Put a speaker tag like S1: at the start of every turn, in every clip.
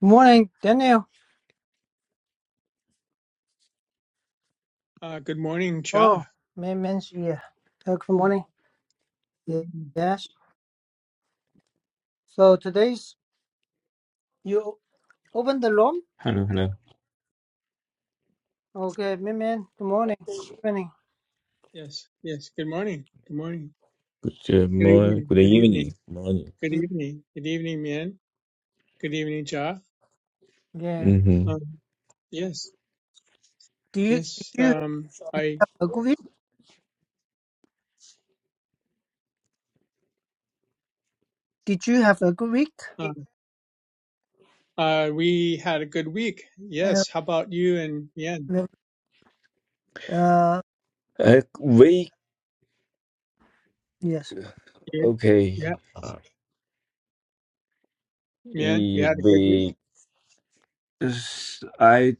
S1: Good morning, Daniel.
S2: Uh, good morning, Cha.
S1: Oh, man, man's yeah. Uh, uh, good morning. Ye- Yes. So today's you open the room.
S3: Hello, hello.
S1: Okay, man, man. Good morning. Good morning.
S2: Yes, yes. Good morning. Good morning.
S3: Good, uh,
S2: Good
S3: morning.
S2: evening.
S3: Good
S2: Good evening.
S3: evening. Morning.
S2: Good
S1: Ye-
S2: evening. Good evening, Min. Good evening, Cha.
S1: Yeah.
S3: Mm-hmm.
S2: Um, yes,
S1: Do you
S2: yes.
S1: did you have
S2: Um, I
S1: a good week? Did you have a good week?
S2: uh, uh, we had a good week.
S1: Uh,
S2: Yes. How about you and Mien?
S1: no- uh
S3: Uh, wake.
S1: yes.
S2: You,
S3: Okay.
S2: yeah, Mien, you
S3: E-
S2: had a good week
S3: Wake. S- I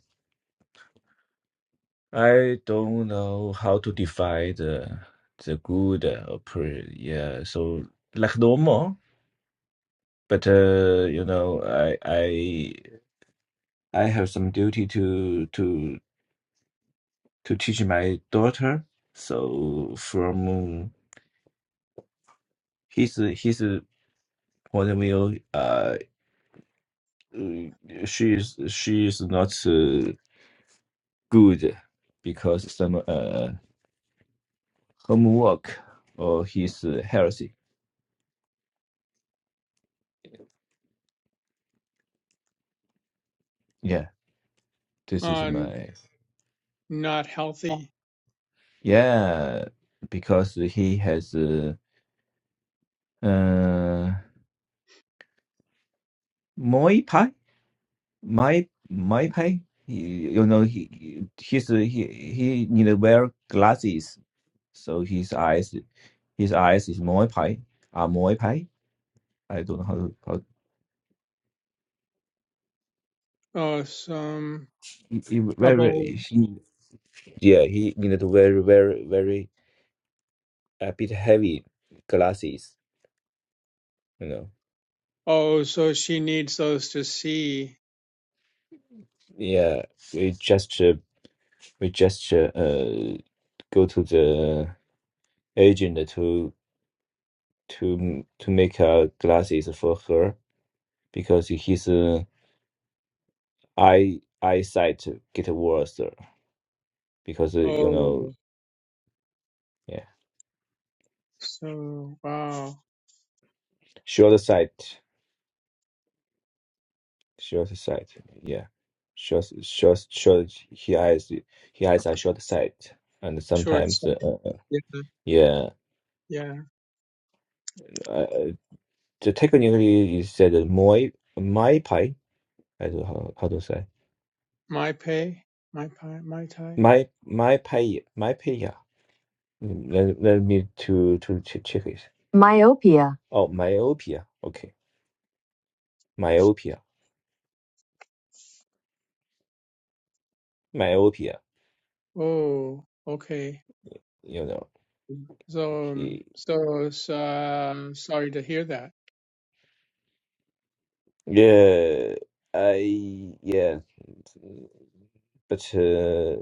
S3: I don't know how to define the the good or pre. Yeah. So like normal, but uh, you know, I I I have some duty to to to teach my daughter. So from his his point of view, uh, uh, she is she is not uh, good because some uh, homework or his uh, healthy. Yeah, this is
S2: on
S3: my
S2: not healthy.
S3: yeah because he has uh, uh Muay Thai, my my Thai. He, you know he he's uh, he he need to wear glasses, so his eyes his eyes is Muay Thai are Muay Thai. I don't know how to, how
S2: Oh, some
S3: it, it
S2: trouble.
S3: very yeah, he needed very, very, very a bit heavy glasses. You know,
S2: Oh, so she needs those to see.
S3: yeah, we just uh, we just uh, uh, go to the agent to to to make uh, glasses for her because his uh, eye eyesight get worse because uh, you know
S2: Oh,
S3: yeah
S2: so wow.
S3: short sight short sight yeah short short short he eyes he eyes are short sight and
S2: Short
S3: sometimes uh,
S2: side.
S3: uh,
S2: Yeah,
S3: yeah
S2: yeah.
S3: uh, the technically is said my my pie. I don't know how, how to say
S2: My pay, my pie, my tie.
S3: my my pie my pie. Let, let me to to ch- check it. Myopia. Oh, myopia. Okay, myopia, myopia.
S2: Oh, okay.
S3: You know,
S2: So, um,
S3: He-
S2: so it's, uh, sorry to hear that.
S3: yeah, I yeah, but uh,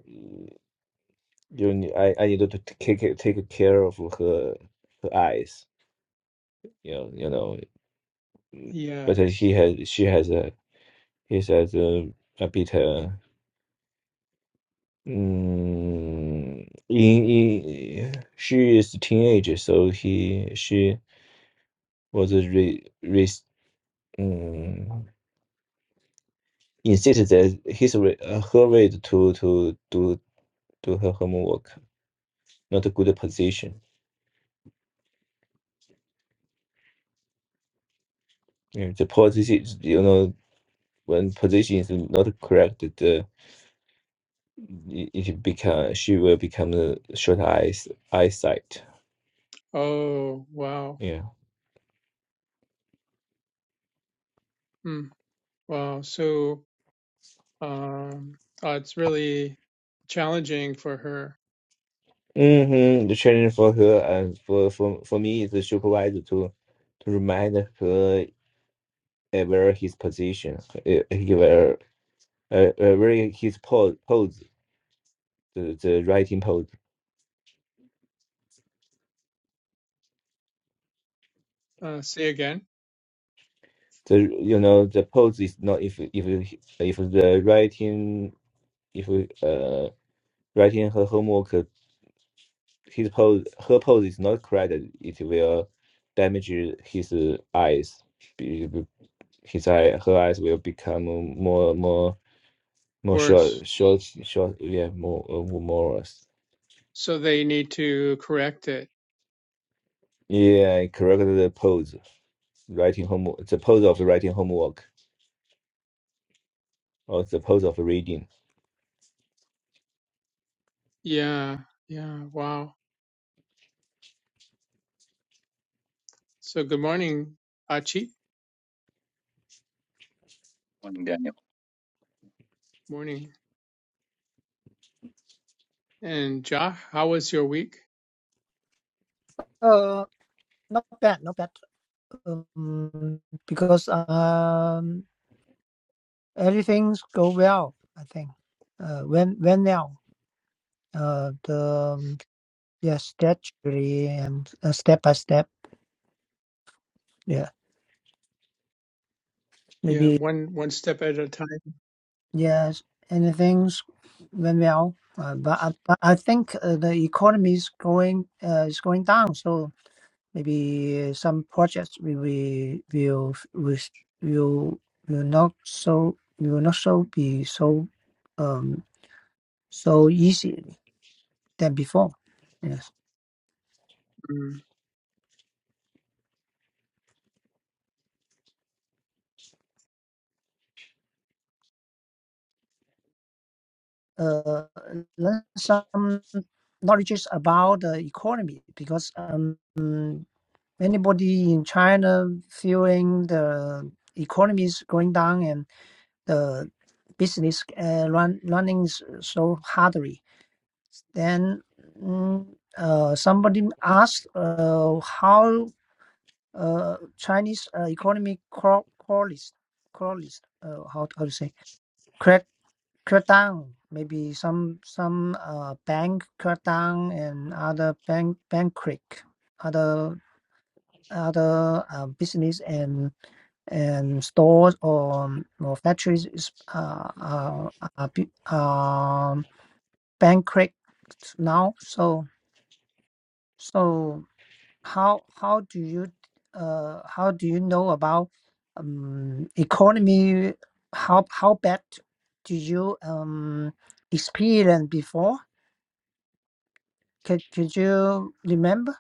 S3: you ne- I I need to take take take care of her her eyes. You know, you know. But uh,
S2: Yes.
S3: he has she has a he says uh, a bit uh, mm, in, in she is teenage, so he she was re, re, um, insisted that his way- uh, her way to to do do her homework not a good position Yeah, the position you know when position is not correct the it become she will become uh, short eyes eyesight
S2: Oh, wow.
S3: Yeah.
S2: Hmm. Wow. So, um, uh, it's really challenging for her.
S3: Mm-hmm. The training for her and for for for me is the supervisor to to remind her uh, where his position, uh, he where uh, uh, where his pose, pose the, the writing pose.
S2: Uh, say again.
S3: The you know the pose is not if if if the writing if uh writing her homework uh, his pose her pose is not correct it will damage his eyes. be- His eye her eyes will become more more. more
S2: Worse.
S3: short, short, short. Yeah, more uh, more.
S2: So they need to correct it.
S3: Yeah, correct the pose. Writing homework. The pose of writing homework, or the pose of reading.
S2: Yeah. Yeah. Wow. So good morning, Achi.
S4: Morning, Daniel.
S2: Morning. And Ja, how was your week?
S1: Uh, not bad, not bad. Um, because um, everything's go well. I think. Uh, when when now? Uh, the um, yeah, statutory and uh, step by step. Yeah,
S2: Yeah,
S1: maybe
S2: one one step at a time.
S1: yes. Anything's went well, uh, but I, but I think uh, the economy is going uh, is going down. So maybe some projects we we will will will will not so will not so be so um so easy than before. Yes.
S2: Mm,
S1: Uh, learn some knowledges about the economy because um Anybody in China feeling the economy is going down and the business uh, run running s- so hardly, then mm, uh, somebody asked uh, how uh, Chinese uh, economy crawl crawlist crawlist uh, how how to say crack crack down maybe some some uh, bank crack down and other bank bank crack other other uh, business and and stores or, um, or factories is, uh, uh, uh bu- um bankrupt now. So so how how do you uh, how do you know about um, economy? How how bad do you um, experience before? Could, could you remember?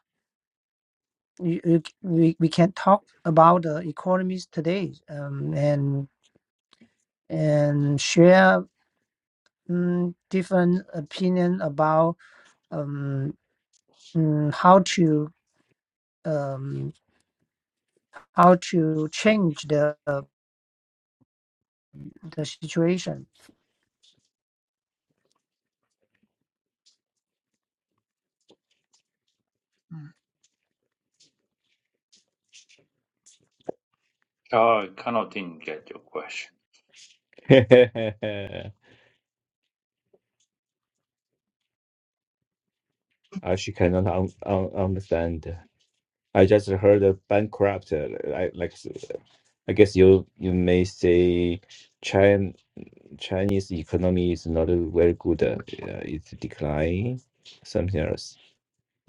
S1: You, you, we, we can talk about the economies today um, and and share mm, different opinion about um, mm, how to um, how to change the the situation.
S2: mm,
S4: Uh, I kind of didn't get your question.
S3: I she cannot un- un- understand. I just heard a bankrupt. uh, I like. I guess you you may say, Chin Chinese economy is not very good. Uh, yeah, it's decline. Something else.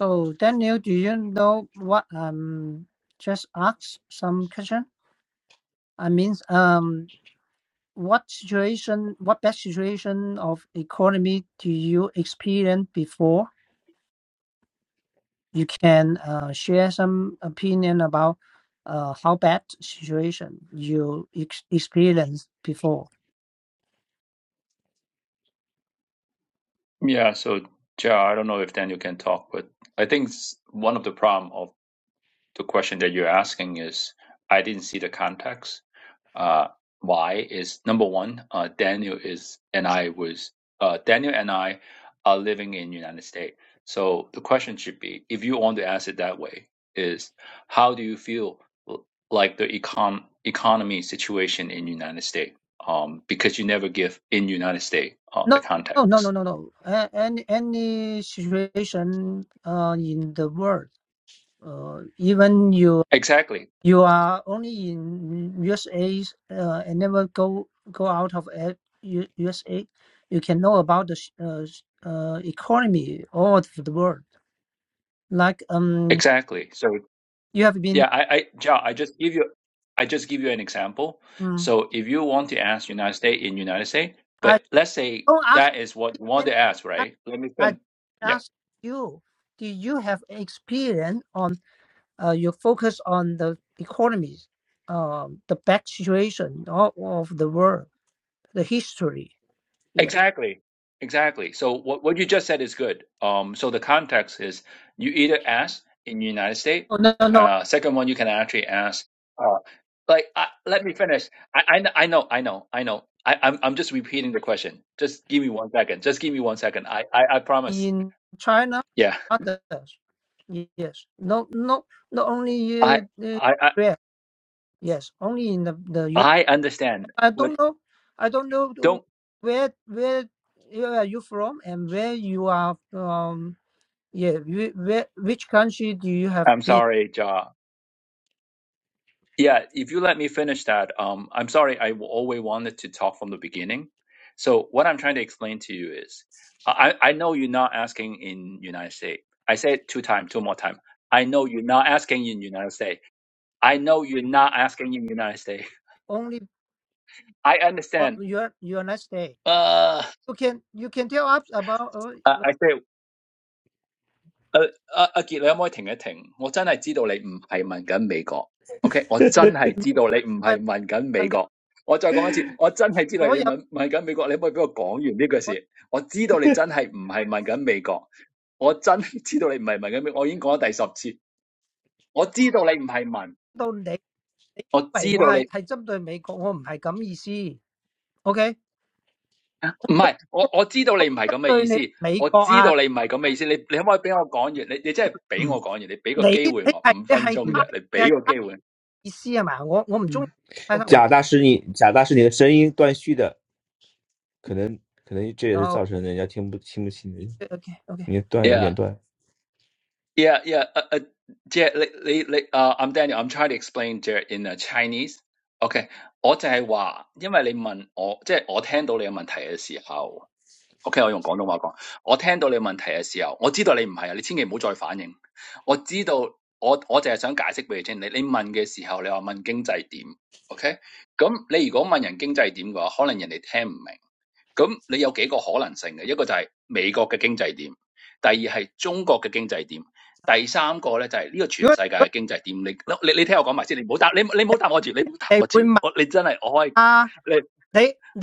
S1: So Daniel, do you know what um just ask some question? I mean, um, what situation, what bad situation of economy do you experience before? You can uh, share some opinion about uh, how bad situation you ex- experienced before.
S4: Yeah, so yeah, I don't know if Daniel can talk, but I think s- one of the problem of the question that you're asking is I didn't see the context. uh, why is number one, uh, Daniel is and I was uh, Daniel and I are living in United States. So the question should be, if you want to ask it that way, is how do you feel l- like the econ economy situation in United States? Um, because you never give in United States uh, the
S1: No, no, no, no,
S4: context.
S1: no. no. A- Any any situation uh, in the world, uh, even you
S4: Exactly,
S1: you are only in USA uh, and never go go out of a- U- USA, you can know about the sh- uh, sh- uh, economy all of the world. Like um,
S4: exactly. So
S1: you have been.
S4: Yeah, I, I, Ja, I just give you, I just give you an example.
S1: Mm,
S4: So if you want to ask United States in United States,
S1: I
S4: but let's say
S1: don't ask.
S4: that is what you want
S1: any-
S4: to ask,
S1: I
S4: right? Let me
S1: I
S4: spin. Yep.
S1: ask you. Do you have experience on? uh, you focus on the economies, um, the back situation of, of the world, the history. Yes.
S4: Exactly. Exactly. So what, what you just said is good. Um, so the context is you either ask in United States,
S1: Oh, no, no, no.
S4: uh, second one you can actually ask, uh, like I, let me finish. I, I kn- I know I know I know. I, I'm I'm just repeating the question. Just give me one second. Just give me one second. I I, I promise.
S1: In China,
S4: Yeah.
S1: others. Yes. No, no, not only
S4: I
S1: uh, uh,
S4: I I
S1: where. Yes, only in the, the U.S.
S4: I understand.
S1: I
S4: But
S1: don't know. I don't know to
S4: don't.
S1: where where you are you from and where you are from. Yeah, whi- where, which country do you have
S4: I'm
S1: been?
S4: sorry, Ja. Yeah, if you let me finish that, um, I'm sorry. I w- always wanted to talk from the beginning. So what I'm trying to explain to you is, I I know you're not asking in United States. I said two time, two more time. I know you're not asking in United States. I know you're not asking in United States.
S1: Only
S4: I
S1: uh,
S4: understand.
S1: your United States.
S4: Uh,
S1: You can, you can tell us about.
S4: I,
S1: I,
S4: I say. 誒阿阿傑，你可唔可以停一停？我真係知道你唔係問緊美國，OK？我真係知道你唔係問緊美國。我再講一次，我真係知道你問問緊美國。你可唔可以俾我講完呢句事？我知道你真係唔係問緊美國，我真係知道你唔係問緊美國。我已經講咗第十次，我知道你唔係問，我知道你唔係，我我知道你唔係咁嘅意思，我知道你唔係咁嘅意思。你你可唔可以俾我講完？你你真係俾我講完？你俾個機會我五分鐘啫，你俾個機會。
S1: I mean, all, all to you. You think I'm targeting America? I'm not that meaning. Okay, I'm targeting you, America.
S2: mm,
S1: You, you're, you're I, you're I meaning,
S2: mm,
S1: right? I, I don't
S2: mm.
S1: like it.
S2: Okay.
S3: 贾大师你，贾大师，你的声音断续的。可能可能这也是造成人家听不听不清你你的断有点断。Uh,
S1: Okay, okay.
S4: Yeah, yeah. Uh, uh, Jared, like, like, like, uh, I'm Daniel. I'm trying to explain Jared in uh, Chinese. OK，我就係話，因為你問我，即係我聽到你嘅問題嘅時候，OK，我用廣東話講，我聽到你嘅問題嘅時候，我知道你唔係啊，你千祈唔好再反應。我知道，我我就係想解釋俾你聽，你你問嘅時候，你話問經濟點，OK？咁你如果問人經濟點嘅話，可能人哋聽唔明。咁你有幾個可能性嘅？一個就係美國嘅經濟點，第二係中國嘅經濟點，第三個咧就係呢個全世界嘅經濟點。你你你聽我講埋先，你唔好答你你唔好答我住，你唔好答我住，我你真係我可以你我我知道你嘅意思，你你係你係想問你你覺得而家
S1: If you ask, you, you talk, you talk. You're, you're, what, what? I'm asking
S4: Daniel
S1: you, have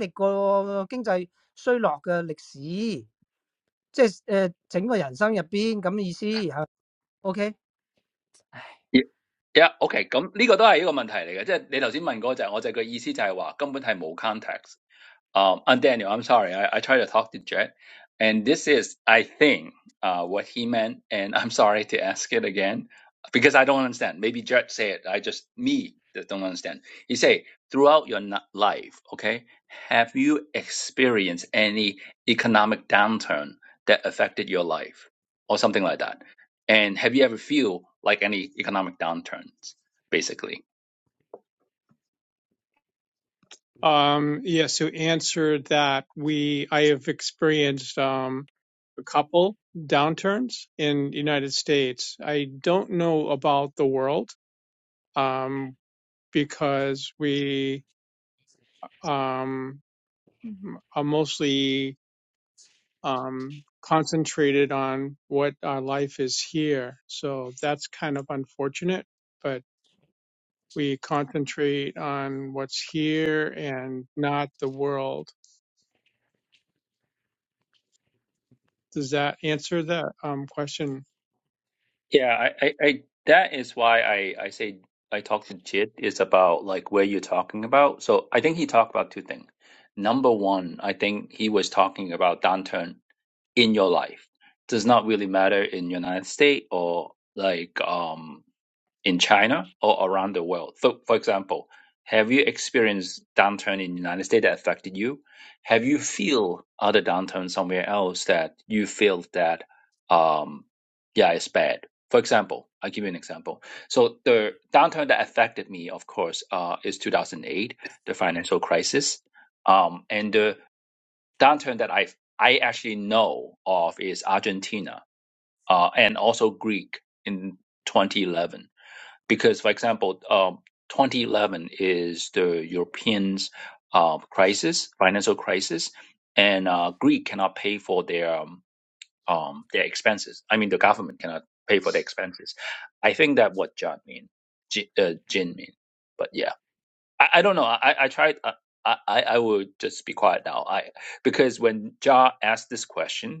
S1: you ever experienced economic recession? 即係誒整個人生入邊咁意思係
S4: 而家經濟大環境係點？Yeah，OK，咁呢個都係一個問題嚟嘅，即係你頭先問嗰個就係我就係個意思就係話根本係冇 context。Um, and Daniel, I'm sorry, I, I tried to talk to Jet, and this is, I think, uh, what he meant. And I'm sorry to ask it again because I don't understand. Maybe Jet said, it. I just me that don't understand. He say, throughout your n- life, okay, have you experienced any economic downturn that affected your life or something like that? And have you ever feel like any economic downturns? basically
S2: Um, yeah, so answer that we I have experienced um a couple downturns in the United States. I don't know about the world um because we um are mostly um concentrated on what our life is here. So that's kind of unfortunate, but. we concentrate on what's here and not the world. Does that answer that um, question?
S4: Yeah, I, I, I that is why I, I say I talk to Jit is about like where you're talking about. So I think he talked about two things. Number one, I think he was talking about downturn in your life. Does not really matter in United States or like um in China or around the world. So, for example, have you experienced downturn in the United States that affected you? Have you feel other downturn somewhere else that you feel that, um, yeah, it's bad? For example, I'll give you an example. So the downturn that affected me, of course, uh, is 2008, the financial crisis. Um, and the downturn that I I actually know of is Argentina uh, and also Greek in 2011 because, for example, um, 2011 is the Europeans' uh, crisis, financial crisis, and uh, Greek cannot pay for their um, um, their expenses. I mean, the government cannot pay for the expenses. I think that what John mean, Jin, uh, Jin mean. But yeah, I, I don't know. I I tried. Uh, I I I will just be quiet now. I because when John asked this question.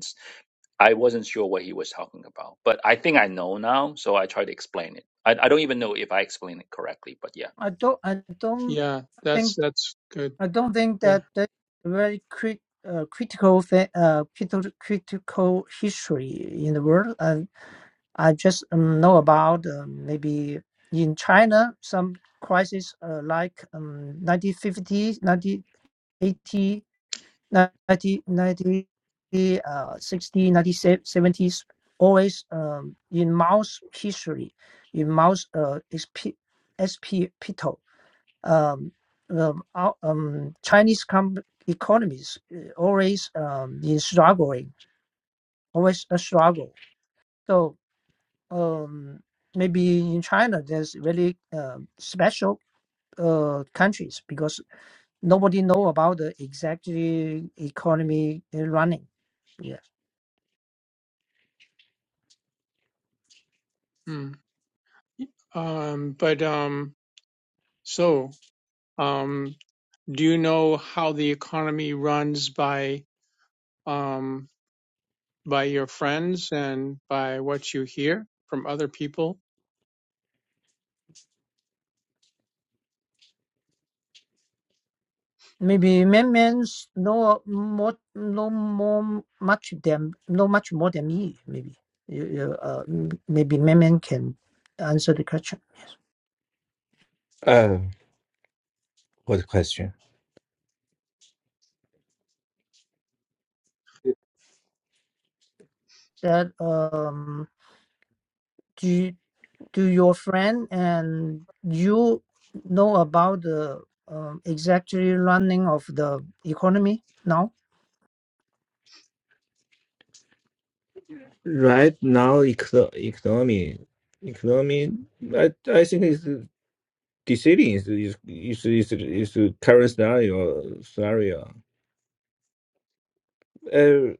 S4: I wasn't sure what he was talking about, but I think I know now, so I try to explain it. I, I don't even know if I explained it correctly, but yeah.
S1: I do don't I don't
S2: Yeah, that's
S1: think
S2: that's good.
S1: I don't think
S2: Yeah.
S1: that that very crit uh, critical thing uh critical critical history in the world and I just um, know about um, maybe in China some crisis uh, like um 1950 1980 90, ninety, uh, 60, ninety, seventies, always um, in Mao's history, in Mao's uh, SP, SP Pito, um, um, our- um, Chinese com- economies uh, always um, in struggling, always a struggle. So um, maybe in China, there's really um special uh, countries because nobody know about the exact economy uh, running. Yeah.
S2: Mm. Um, but um, so um, do you know how the economy runs by um, by your friends and by what you hear from other people?
S1: Maybe men Menman's know more, know more, much than know much more than me. Maybe you, you, uh, m- maybe Menman can answer the question.
S3: what question?
S1: That um, do you, do your friend and you know about the um, exactly running of the economy now?
S3: Right now, eco economy economy, I I think is deceding is is is is is the current scenario scenario. Uh,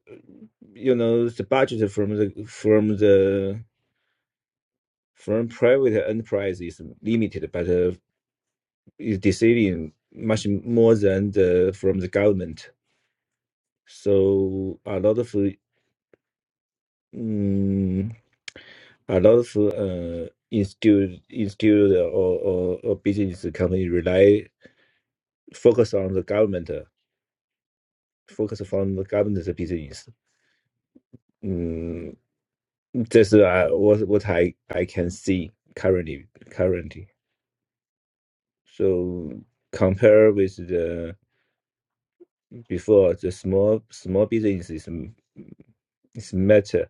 S3: you know the budget from the from the from private enterprise is limited, but uh, is deceding much more than the from the government. So a lot of Mm, a lot of uh, institute, institute or, or, or business company rely focus on the government, uh, focus on the government's business. Mm, this is uh, what what I I can see currently currently. So compare with the before, the small small business is is much uh,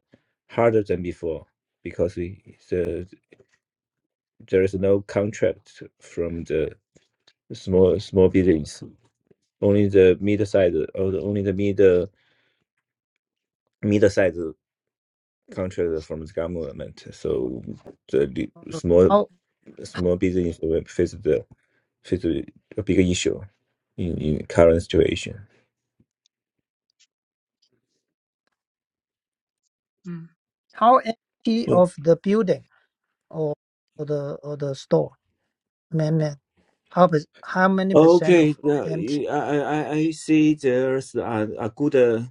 S3: harder than before because we, the, there is no contract from the. small small buildings. Only the mid-size or the, only the mid mid-size contract from the government. So the li- small
S1: How
S3: small business will face the face a big issue in in current situation.
S2: Mm.
S1: how empty of the building or, or the or the store? amendment. How per- how many percent
S3: Okay,
S1: of
S3: now
S1: MT?
S3: you- I I I I see there's a, a good uh,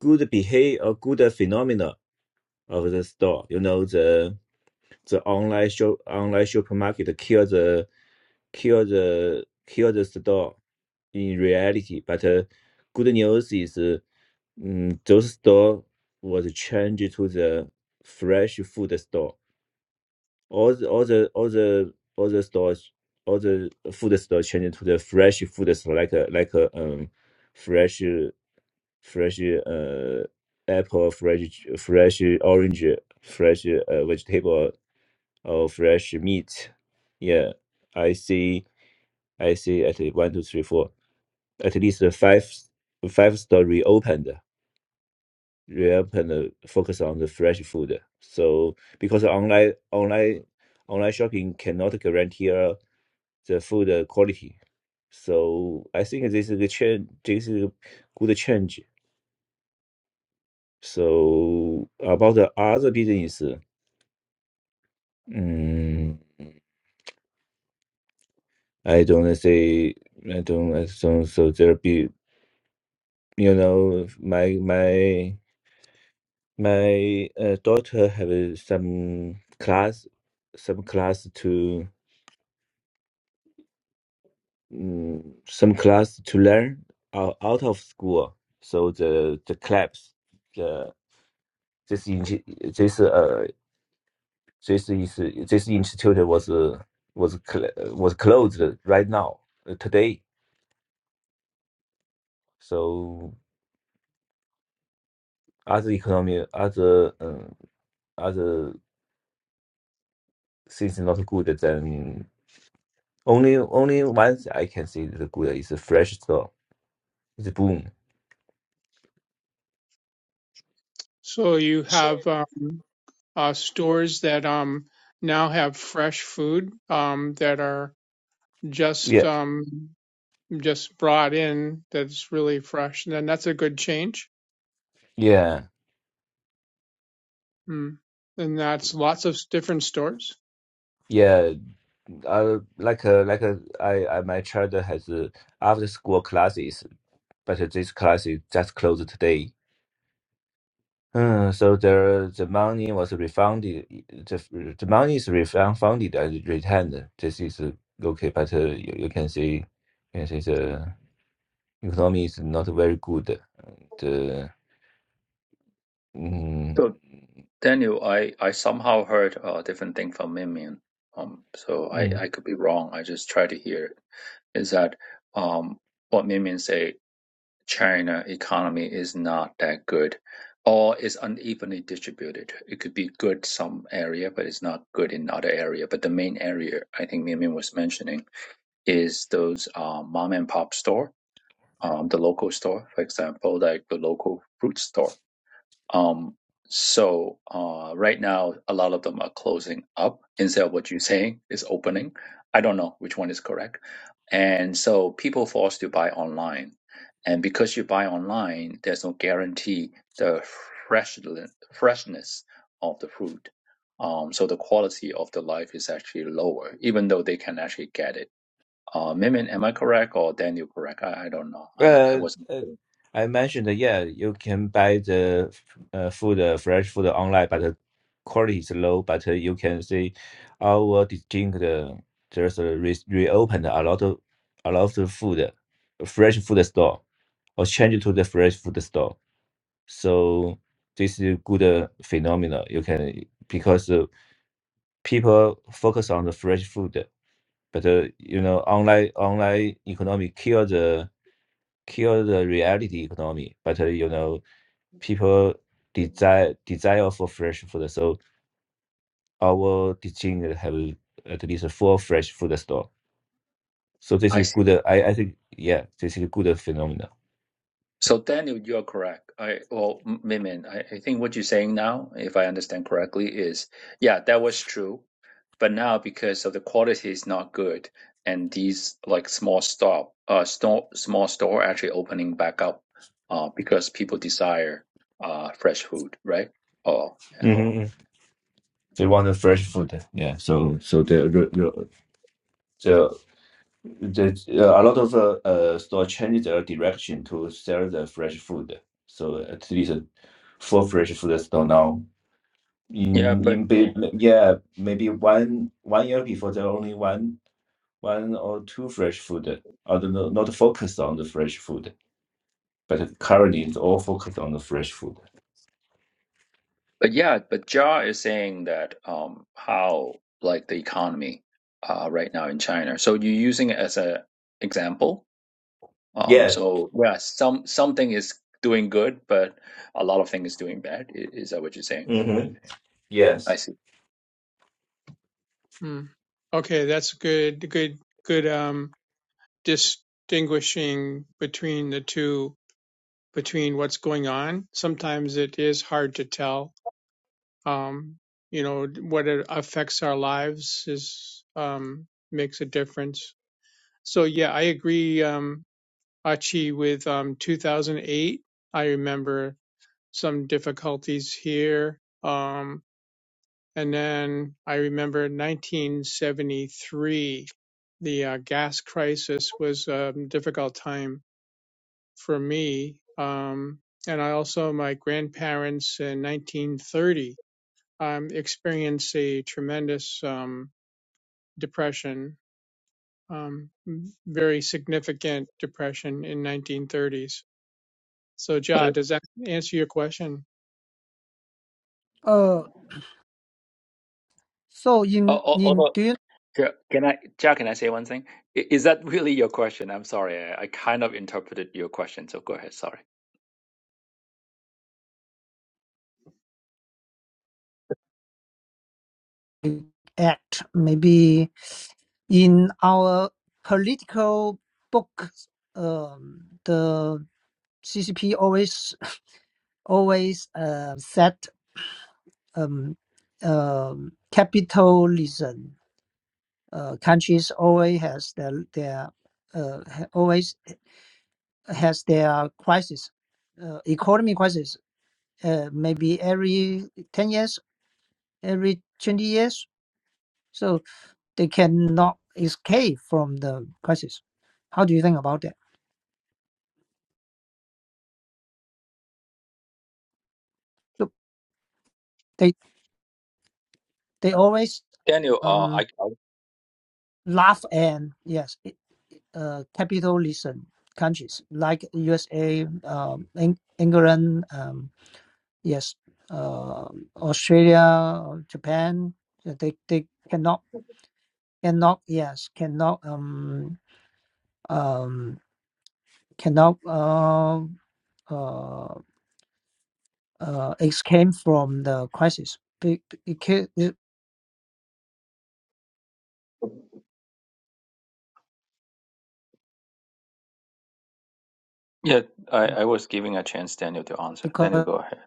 S3: good behavior, a good phenomena of the store. You know the the online shop online supermarket kill the kill the kill the store in reality. But uh, good news is uh, mm, those store was changed to the fresh food store. All the all the all the all the stores all the food store changed to the fresh food store like a like a um fresh uh, fresh uh apple fresh fresh orange fresh uh, vegetable or fresh meat. Yeah, I see I see at least one, two, three, four, at least the five five store reopened, reopened, uh, focus on the fresh food. So because online online online shopping cannot guarantee uh, the food uh, quality. So I think this is a change. This is a good change. So about the other business, mm, I don't say I don't, I don't so there be you know my my. My uh, daughter have uh, some class, some class to mm, some class to learn out, out of school. So the the clubs, the this in- this uh this is this institute was uh, was cl- was closed right now uh, today. So other economy, other um, other things not good. Then only only once I can see the good is a fresh store. It's boom.
S2: So you have uh, uh, stores that um, now have fresh food um, that are just
S3: Yeah,
S2: um just brought in that's really fresh and then that's a good change
S3: yeah,
S2: mm. and that's lots of different stores
S3: yeah. Uh, like uh, like uh, I, I, my child has uh, after school classes, but this class is just closed today. Uh, so the the money was refunded. The the money is refunded and returned. This is uh, okay, but uh, you, you can see, you can see the economy is not very good. The mm,
S4: So Daniel, I, I somehow heard a different thing from Mimian. Um, so I,
S3: mm.
S4: I could be wrong. I just try to hear it. Is that um what Mimian say? China economy is not that good, or is unevenly distributed. It could be good some area, but it's not good in other area. But the main area I think Mimian was mentioning is those uh, mom and pop store, um, the local store, for example, like the local fruit store. Um, so uh, right now, a lot of them are closing up. Instead of what you're saying is opening. I don't know which one is correct. And so people forced to buy online, and because you buy online, there's no guarantee the fresh freshness of the fruit. Um, so the quality of the life is actually lower, even though they can actually get it. Uh, Mimin, am I correct or Daniel correct? I, I don't know. I, I
S3: Uh,
S4: wasn't.
S3: uh,
S4: sure.
S3: I mentioned that, yeah, you can buy the uh, food, uh, fresh food online, but the quality is low. But uh, you can see our distinct uh, just uh, re reopened a lot of a lot of food, uh, fresh food store, or change to the fresh food store. So this is a good uh, phenomena. You can because uh, people focus on the fresh food, but uh, you know, online online economy kill the kill the reality economy, but uh, you know, people desire desire for fresh food. So our teaching have at least uh, four fresh food store. So this
S4: I
S3: is
S4: see.
S3: good. uh, I, I think yeah, this is a good phenomenon. I think
S4: So Daniel, you're correct. I well, M- Mimin, I, I think what you're saying now, if I understand correctly, is yeah, that was true. But now because of the quality is not good, and these like small stop, uh, store, small store actually opening back up, uh, because people desire uh fresh food, right? Oh yeah,
S3: hmm they want the fresh food. Yeah. So so the the the, the uh, a lot of uh, uh store change their direction to sell the fresh food. So at least uh, four fresh food store now
S4: yeah.
S3: in
S4: But
S3: in be yeah maybe one one year before there only one one or two fresh food I don't know not focused on the fresh food but currently it's all focused on the fresh food
S4: But yeah, but Jia is saying that um, how like the economy uh, right now in China. So you're using it as a example. Um,
S3: yeah
S4: so yeah, some something is doing good, but a lot of things is doing bad. I- Is that what you're saying?
S3: mm-hmm.
S4: I
S3: yes
S4: see.
S2: mm. okay that's good good good um distinguishing between the two between what's going on sometimes it is hard to tell um you know what it affects our lives is um makes a difference so yeah i agree um achi with um 2008 I remember some difficulties here. Um, and then I remember 1973, the uh, gas crisis was a difficult time for me. Um, and I also, my grandparents in 1930 um, experienced a tremendous um, depression, um, very significant depression in 1930s. So,
S4: But
S2: Ja, does that answer your question?
S1: Uh, so
S4: Al-
S1: in
S4: al-
S1: in
S4: Although,
S1: Dune
S4: Jia, can I, Jia, can I say one thing? I- Is that really your question? I'm sorry, I, I kind of interpreted your question. So go ahead. Sorry,
S1: Act, maybe in our political book, um, the CCP always always uh, set um um capitalism. Uh, countries always has their their uh ha- always has their crisis, uh, economy crisis. Uh, maybe every 10 years every 20 years, so they cannot escape from the crisis. How do you think about that? So they they
S4: Uh,
S1: always
S4: Daniel. Uh, I,
S1: um,
S4: I
S1: laugh and yes, uh, capitalism countries like USA, um, England, um, yes, uh, Australia, Japan, yeah, they they cannot cannot yes cannot um um cannot uh, uh uh, it came from the crisis Be- be- it ca- it-
S4: yeah, I, I was giving a chance Daniel to answer. Daniel,
S1: because
S4: go ahead.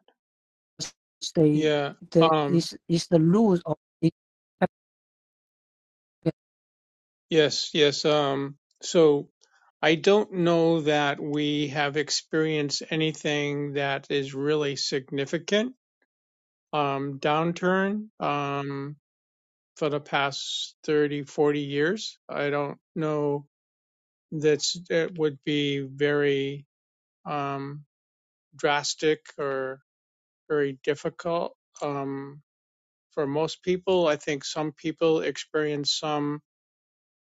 S1: they
S2: Yeah.
S1: the
S2: Um,
S1: is is the rules of it-
S2: Yes, yes. Um, so I don't know that we have experienced anything that is really significant um, downturn um, for the past 30, 40 years. I don't know that's that would be very um, drastic or very difficult um, for most people. I think some people experience some.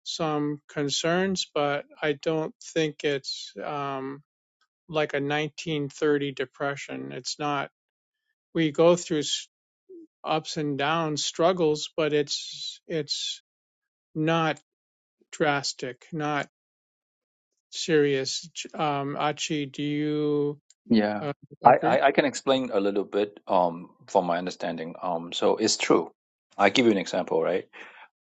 S2: some concerns, but I don't think it's um, like a 1930 depression. It's not. We go through ups and downs, struggles, but it's it's not drastic, not serious. Um, Achi, do you
S4: Yeah,
S2: uh,
S4: I,
S2: agree?
S4: I, I can explain a little bit um, from my understanding. Um, so it's true. I give you an example, right?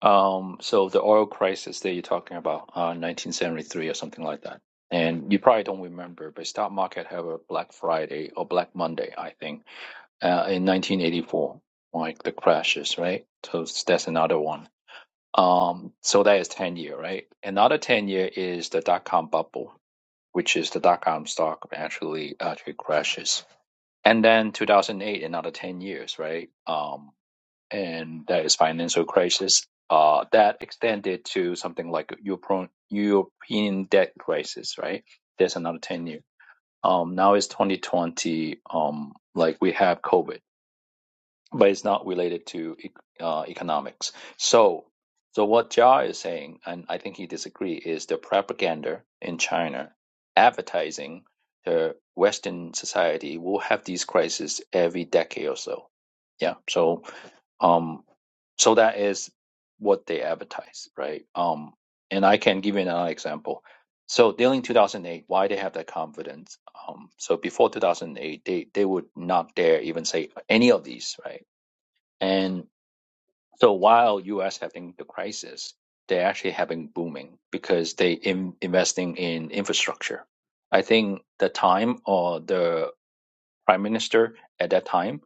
S4: Um, so the oil crisis that you're talking about, uh, 1973 or something like that, and you probably don't remember, but stock market have a Black Friday or Black Monday, I think, uh, in 1984, like the crashes, right? So that's another one. Um, so that is 10 year, right? Another 10 year is the dot com bubble, which is the dot com stock actually actually crashes and then 2008 another 10 years right um and that is financial crisis uh that extended to something like Euro- european debt crisis right there's another 10 years um now it's 2020 um like we have covid but it's not related to ec- uh, economics. So, so what Jia is saying, and I think he disagrees, is the propaganda in China, advertising the Western society will have these crises every decade or so. Yeah. So, um, so that is what they advertise, right? Um, and I can give you another example. So during 2008, why they have that confidence? Um, so before 2008, they, they would not dare even say any of these, right? And so while U.S. having the crisis, they actually having booming because they in investing in infrastructure. I think the time or uh, the prime minister at that time,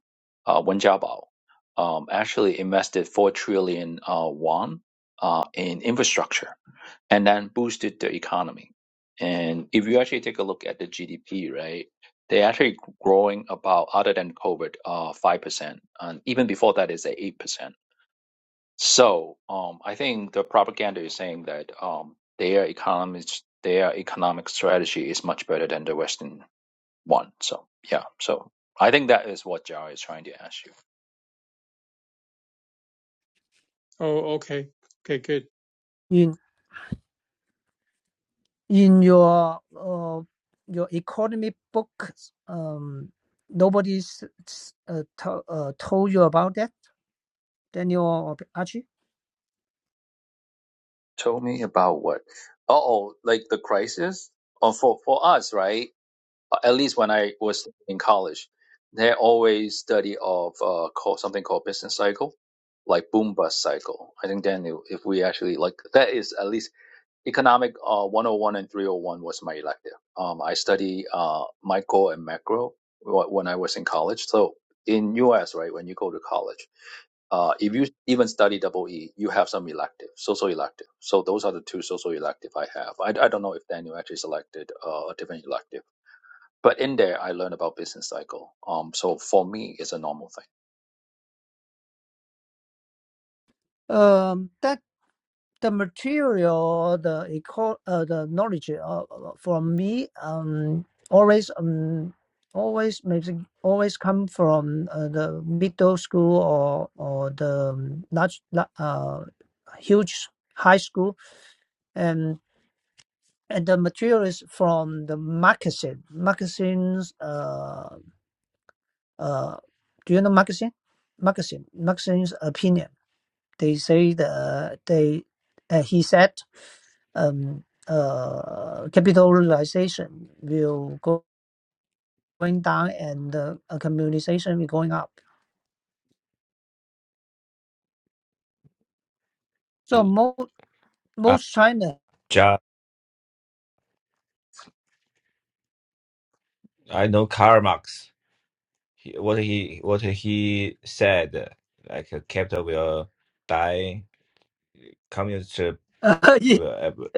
S4: uh, Wen Jiabao, um, actually invested four trillion uh, won uh, in infrastructure and then boosted the economy. And if you actually take a look at the GDP, right, they actually growing about other than COVID, uh, five percent, and even before that is at eight percent so um, I think the propaganda is saying that um, their economic their economic strategy is much better than the Western one. So yeah, so I think that is what Jao is trying to ask you.
S2: Oh, okay, okay, good.
S1: in in your uh, your economy books um nobody's uh, to, uh, told you about that Daniel or Archie
S4: Tell me about what? Oh, like the crisis? Oh, for for us, right? Uh, At least when I was in college, they always study of uh, called something called business cycle, like boom bust cycle. I think then if if we actually like that is at least economic uh, 101 and 301 was my elective. Um, I study uh, micro and macro when I was in college. So in U.S., right, when you go to college, uh, if you even study double E, you have some elective, social elective. So those are the two social elective I have. I, I don't know if Daniel actually selected uh, a different elective, but in there I learned about business cycle. Um, so for me, it's a normal thing.
S1: Um, that the material, the eco, uh, the knowledge uh, from me um always um always maybe always come from uh, the middle school or or the um, large la- uh huge high school and and the material is from the magazine magazines uh uh do you know magazine magazine magazine's opinion they say the they uh, he said um, uh, capitalization will go, going down and uh, uh, communization will going up. So most
S3: Uh,
S1: most China
S3: Ja. I know Karl Marx. He, what he what he said, like uh, capital will die, communist
S1: uh, it
S3: will ever,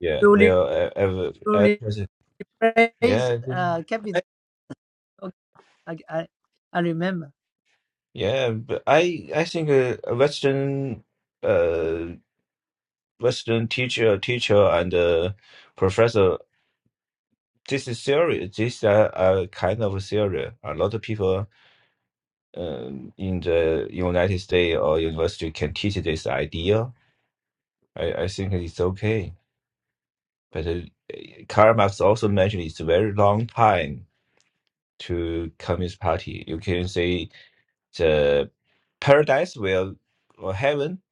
S3: yeah
S1: will re-
S3: will ever, ever,
S1: will
S3: ever
S1: replace
S3: yeah.
S1: uh, capital. I, I, I remember
S3: Yeah, but I I think a, a Western uh Western teacher teacher and uh, professor this is theory this are a kind of theory. A lot of people um, in the United States or university can teach this idea. I, I think it's okay. But uh, Karl Marx also mentioned it's a very long time to Communist Party. You can say the paradise will or heaven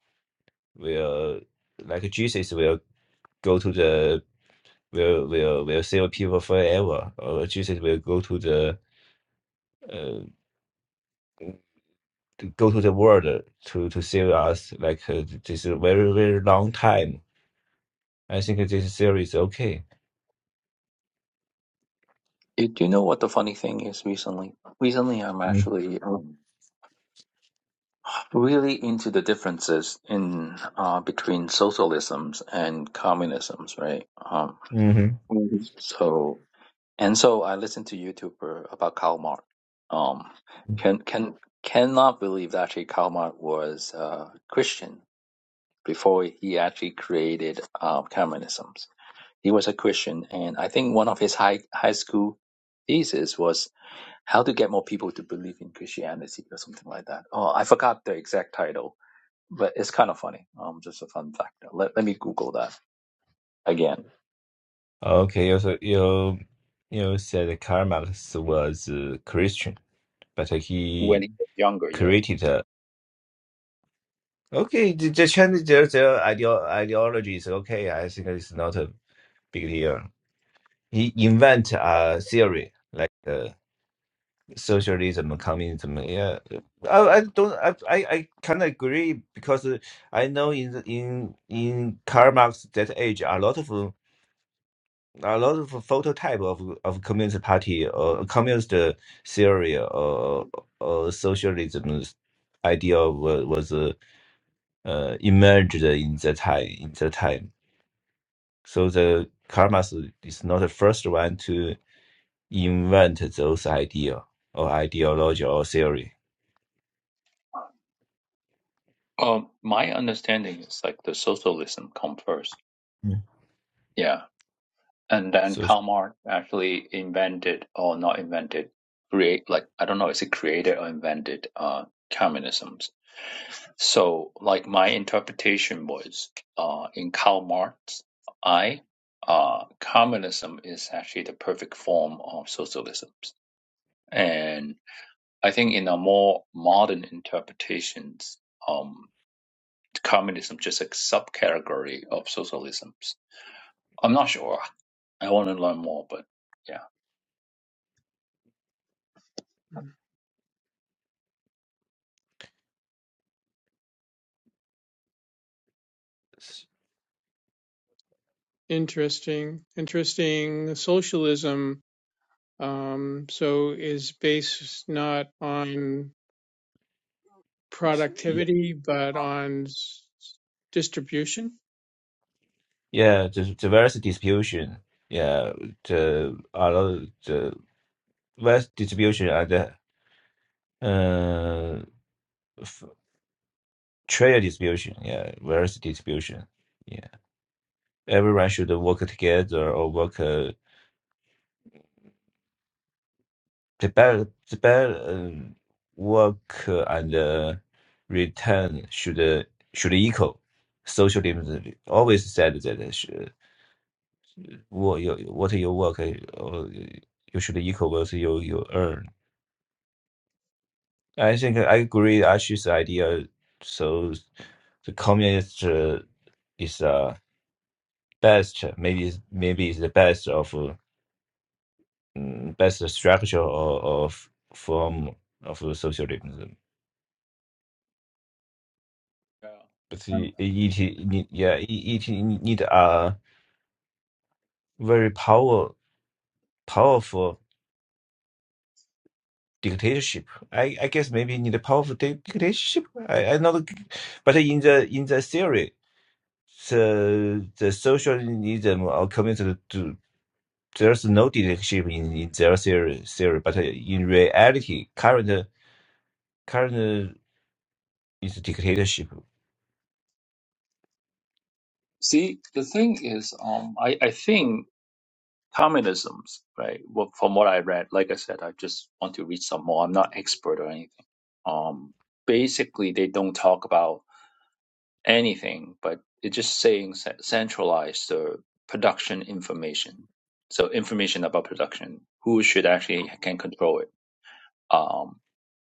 S3: will like Jesus will. go to the will will will save people forever, or Jesus will go to the uh, to go to the world to to save us. Like uh, this is a very very long time. I think this theory is okay.
S4: Do do you know what the funny thing is? Recently, recently I'm actually um, really into the differences in uh, between socialisms and communisms, right? Um,
S3: Mm-hmm.
S4: Mhm. so and so I listened to YouTuber about Karl Marx. Um, can can cannot believe that actually Karl Marx was uh, Christian before he actually created uh, communisms. He was a Christian, and I think one of his high high school thesis was how to get more people to believe in Christianity or something like that. Oh, I forgot the exact title but it's kind of funny. Um, just a fun fact. Let let me Google that again.
S3: Okay, you so you you said Karl Marx was a Christian, but
S4: when
S3: he
S4: he was younger, yes.
S3: created a Okay, the, the change their their ideo ideology is okay. I think it's not a big deal. He invent a theory like uh, socialism, and communism. Yeah, I, I don't. I I, I kind of agree because uh, I know in the- in in Karl Marx that age, a lot of uh, a lot of phototype of of communist party or communist uh, theory or or socialism idea was, was uh, uh, emerged in that time in that time. So the Karl Marx is not the first one to invent those idea or ideology or theory.
S4: Um, my understanding is like the socialism come first.
S3: Mm.
S4: Yeah, and then Karl Marx actually invented or not invented, create like I don't know, is it created or invented uh communisms? So like my interpretation was uh in Karl Marx, I uh communism is actually the perfect form of socialism, I think in a more modern interpretations, um, communism just a subcategory of socialisms. I'm not sure. I want to learn more, but yeah.
S3: S-
S2: Interesting, interesting. Socialism um, so is based not on
S3: s- Yeah,
S2: productivity, but on s- distribution.
S3: yeah, the diversity distribution. Yeah, the a other the wealth distribution and the uh f- trade distribution. Yeah, wealth distribution. Yeah, everyone should work together or work. Uh, The Tibet, Tibet uh, work uh, and uh, return should uh, should equal. Socialism always said that uh, sh- uh, what your what your work uh, or you should equal what you you earn. I think I agree Ash's idea. So the communist uh, is uh, best maybe is- maybe is the best of uh, mm, best structure of, of form of socialism.
S4: Yeah.
S3: But
S4: Um,
S3: it, it, it yeah, it, it need a very power powerful dictatorship. I, I guess maybe need a powerful dic- dictatorship. I, I not, but in the in the theory, the the socialism or communism, do- there's no dictatorship in, in their theory, theory. But uh, in reality, current current is dictatorship.
S4: See, the thing is, um, I, I think communisms, right? Well, from what I read, like I said, I just want to read some more. I'm not expert or anything. Um, basically, they don't talk about. anything, but it's just saying ce- centralize the production information. So information about production, who should actually can control it. Um,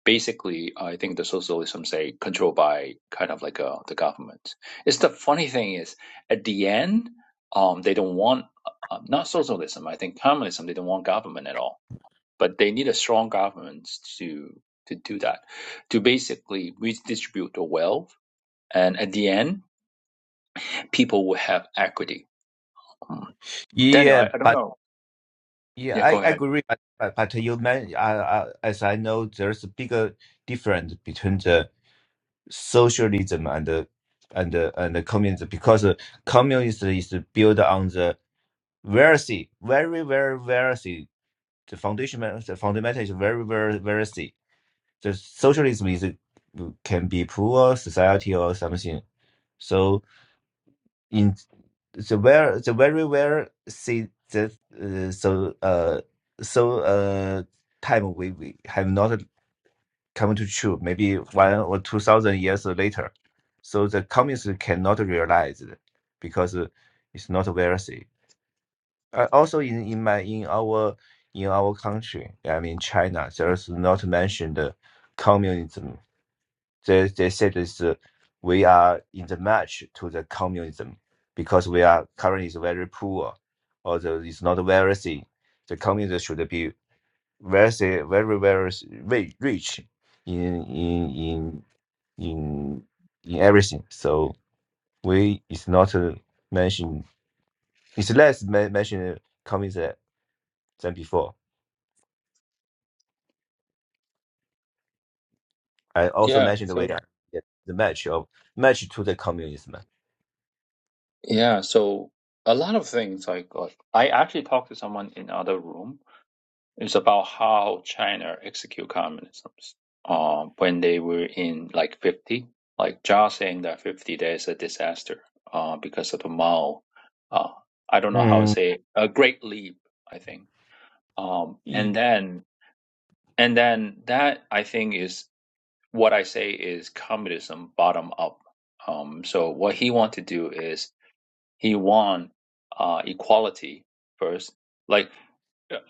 S4: basically, I think the socialism say controlled by kind of like uh, the government. It's the funny thing is at the end, um, they don't want uh, uh, not socialism. I think communism. They don't want government at all, but they need a strong government to to do that, to basically redistribute the wealth. And at the end, people will have equity. Mm. Daniel, I,
S3: Yeah,
S4: I don't know.
S3: Yeah,
S4: Yeah, go
S3: I, I
S4: ahead.
S3: agree, but, but but you man, uh, uh, as I know, there's a bigger difference between the socialism and the and the, and the communism because uh, communism is built on the wealthy, very very wealthy. The foundation, the fundamental is very very wealthy. The socialism is uh, can be poor society or something. So the very, the very well see that uh, so uh so uh time we, we have not come to true maybe one or two thousand years later so the communists cannot realize it because uh, it's not wealthy uh, also in in my in our in our country i mean china there's not mentioned uh, communism they they said is uh, we are in the match to the communism because we are currently is very poor, although it's not wealthy. The communism should be wealthy, very very rich, rich in in in in in everything. So we it's not uh, mentioned. It's less men- mentioned communism than before. I also
S4: Yeah,
S3: mentioned we are
S4: so
S3: the match of match to the communism.
S4: yeah, so a lot of things I got. I actually talked to someone in other room. It's about how China execute communism. Um, when they were in like fifty, like Jia saying that fifty days a disaster. Uh, because of the Mao. Uh, I don't know how to
S3: Mm.
S4: say it. a great leap. I think. Um, and then and then that I think is what I say is communism bottom up. Um, so what he want to do is he want uh, equality first. Like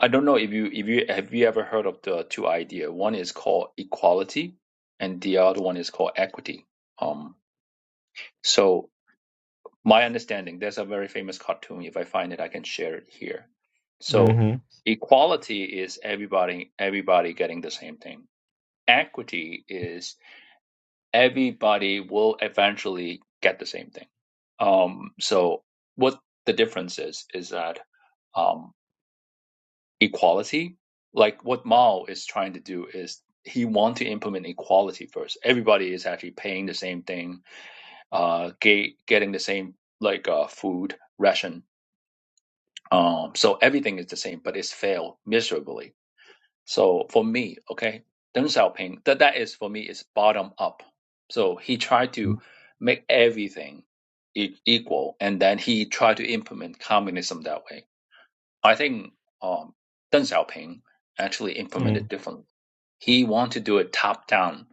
S4: I don't know if you if you have you ever heard of the two idea. One is called equality, and the other one is called equity. Um, so my understanding, there's a very famous cartoon. If I find it, I can share it here. So
S3: Mm-hmm.
S4: equality is everybody everybody getting the same thing. Equity is everybody will eventually get the same thing. Um, so what the difference is is that um, equality, like what Mao is trying to do, is he want to implement equality first. Everybody is actually paying the same thing, uh, ga- getting the same like uh, food ration. Um, so everything is the same, but it's failed miserably So for me, okay, Deng Xiaoping, that, that is for me is bottom up. So he tried to make everything e- equal, and then he tried to implement communism that way. I think um, Deng Xiaoping actually implemented differently. He wanted to do it top down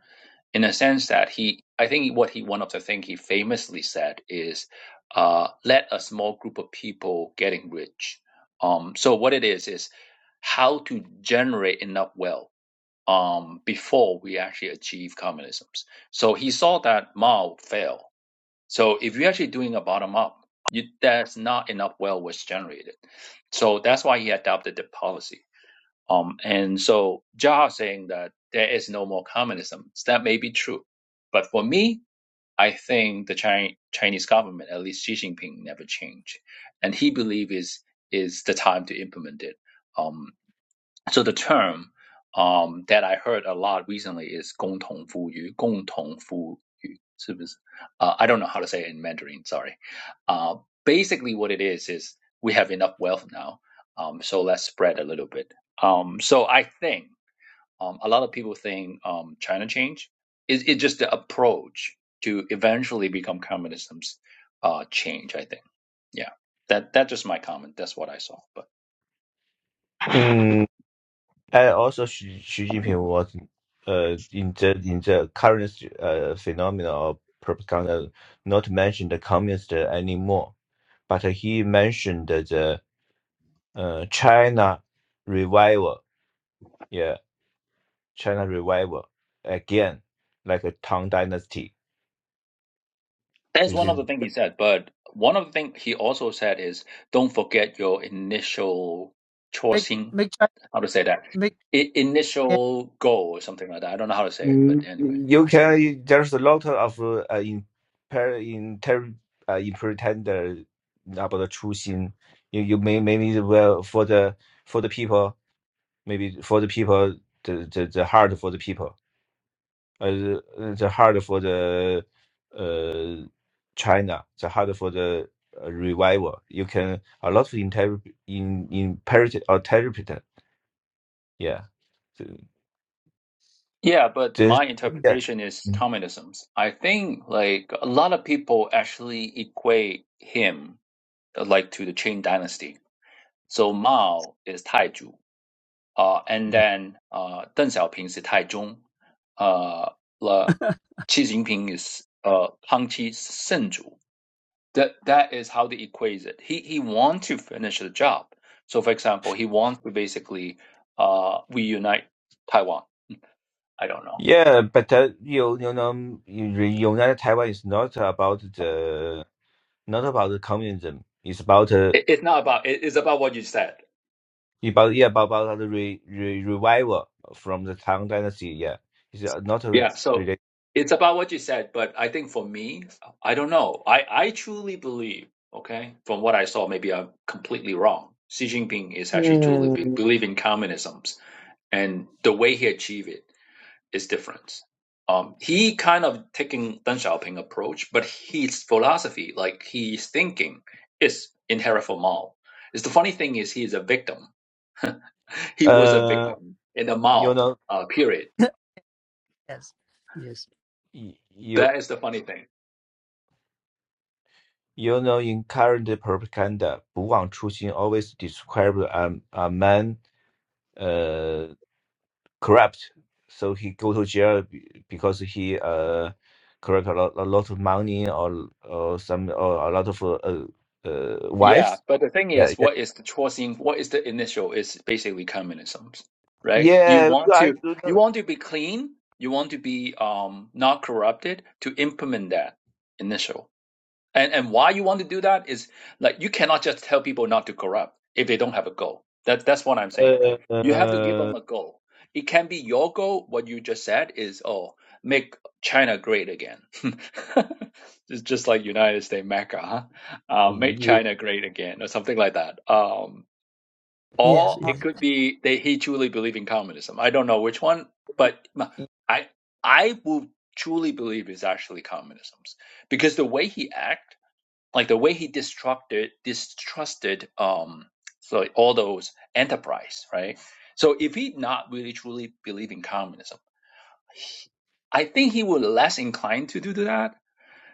S4: in a sense that he, I think what he, one of the things he famously said is, uh, let a small group of people getting rich. Um, so what it is, is how to generate enough wealth um, before we actually achieve communism. So he saw that Mao failed. So if you're actually doing a bottom up, you, there's not enough wealth was generated. So that's why he adopted the policy. Um, and so Jia saying that there is no more communism, that may be true. But for me, I think the Chinese Chinese government, at least Xi Jinping, never changed. And he believes is is the time to implement it. Um, so the term um, that I heard a lot recently is 共同富裕,共同富裕,是不是? Uh, I don't know how to say it in Mandarin, sorry. Uh, basically, what it is is we have enough wealth now, um, so let's spread a little bit. Um, so I think um, a lot of people think um, China change is it's just the approach to eventually become communism's uh, change. I think, yeah. That that's just my comment. That's what I saw. but.
S3: Mm, and also Xi, Xi Jinping was uh, in the in the current uh, phenomena of propaganda not mentioned the communist anymore, but he mentioned the uh, China revival, yeah, China revival again, like a Tang Dynasty.
S4: That's one of the things he said. But one of the things he also said is don't forget your initial
S1: make
S4: choosing,
S1: make China
S4: how to say that,
S1: make
S4: I-
S1: yeah.
S4: initial goal or something like that. I don't know how to say it, but
S3: Mm,
S4: anyway.
S3: You can, there's a lot of uh, in, per, inter, uh, interpreted about the choosing. You, you may, maybe well for the for the people, maybe for the people, the the, the hard for the people, uh, the, the hard for the uh China, the hard for the uh, revival. You can a lot of inter in interpret or interpret. Yeah, So,
S4: Yeah, but
S3: this
S4: my
S1: mm.
S3: yeah.
S4: interpretation is
S3: Mm.
S4: communism. I think like a lot of people actually equate him uh, like to the Qing dynasty. So Mao is Taiju. uh, and then uh, Deng Xiaoping is Taichung, uh, Le Xi Jinping is uh, Pangqi Senju. That that is how they equate it. He he wants to finish the job. So, for example, he wants to basically uh, reunite Taiwan. I don't know.
S3: Yeah, but uh, you you know, you- United Taiwan is not about the not about the communism. It's about uh,
S4: It, it's not about. It, it's about what you said.
S3: about yeah about, about the re, re, revival from the Tang Dynasty. Yeah, it's uh, not uh,
S4: Yeah, so
S3: related.
S4: it's about what you said, but I think for me, I don't know. I, I truly believe, okay, from what I saw, maybe I'm completely wrong. Xi Jinping is actually truly be,
S3: Mm.
S4: believe in communism, and the way he achieved it is different. Um, he kind of taking Deng Xiaoping approach, but his philosophy, like he's thinking, is inherent from Mao. It's the funny thing is he is a victim. He was a
S3: Uh,
S4: victim in the
S3: you
S4: Mao
S3: know,
S4: uh, period.
S1: yes yes
S3: y- you
S4: That is the funny thing
S3: you know, in current propaganda, 不忘初心 always described a, a man. corrupt. So he go to jail be- because he uh corrupt a lot, a lot of money or or some or a lot of uh, uh uh,
S4: Yeah,
S3: wives.
S4: but the thing
S3: Yeah,
S4: is,
S3: yeah,
S4: what is the choosing? What is the initial? Is basically communism, right? You
S3: yeah.
S4: want
S3: I
S4: to
S3: do
S4: you
S3: know.
S4: want to be clean. You want to be um not corrupted to implement that initial. And and why you want to do that is like you cannot just tell people not to corrupt if they don't have a goal. That that's what I'm saying,
S3: Uh,
S4: right? You have to give them
S3: uh,
S4: a goal. It can be your goal. What you just said is, oh, make China great again. it's just like United States Mecca, huh? Uh, make
S3: yeah.
S4: China great again, or something like that. Um,
S1: yes
S4: or it
S1: yes.
S4: could be they he truly believe in communism. I don't know which one, but I I will truly believe is actually communism because the way he act like the way he distrusted distrusted um so all those enterprise right so if he not really truly believe in communism i think he would less inclined to do that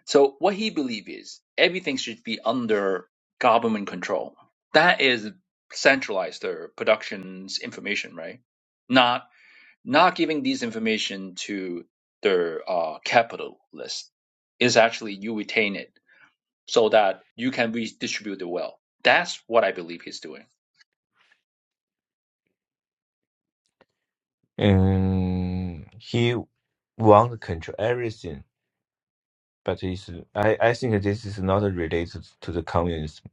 S4: so what he believe is everything should be under government control that is centralized their productions information right not not giving these information to their uh, capitalist is actually you retain it so that you can redistribute the wealth. That's what I believe he's doing.
S3: Um, he want to control everything, but it's, I I think this is not related to the communism,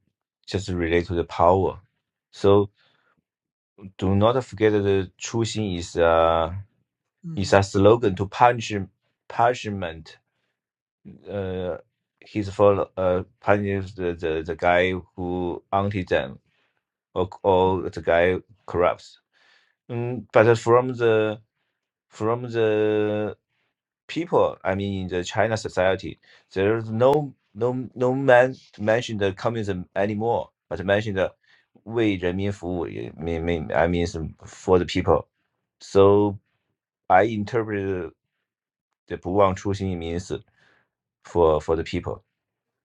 S3: just related to the power. So do not forget that the Chu Xing is uh. is
S2: Mm,
S3: a slogan to punish punishment. Uh, his follow uh punishes the, the, the guy who anti them or, or the guy corrupts. Mm, but from the from the people, I mean, in the China society, there's no no no man mention the communism anymore, but mention the 为人民服务, it mean, mean, I mean, for the people. So I interpret the 不忘初心 means for for the people.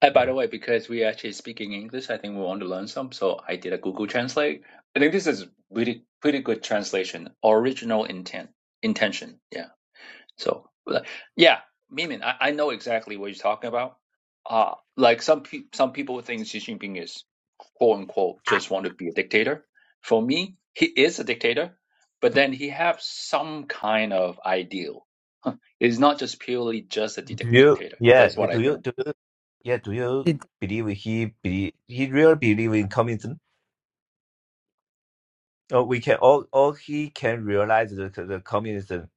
S4: And by
S3: Yeah.
S4: the way, because we actually speaking English, I think we want to learn some. So I did a Google Translate. I think this is really pretty good translation. Original intent, intention. Yeah. So, uh, yeah, Mimin, I, I know exactly what you're talking about. Uh, like some pe- some people think Xi Jinping is quote unquote just want to be a dictator. For me, he is a dictator, but then he have some kind of ideal. It's not just purely just a
S3: Do
S4: dic-
S3: you?
S4: dictator.
S3: Yeah.
S4: That's
S3: yeah,
S4: what I
S3: Do you?
S4: think.
S3: Do you? Yeah. Do you
S1: It,
S3: believe he believe he really believe in communism? Or we can all all he can realize the the communism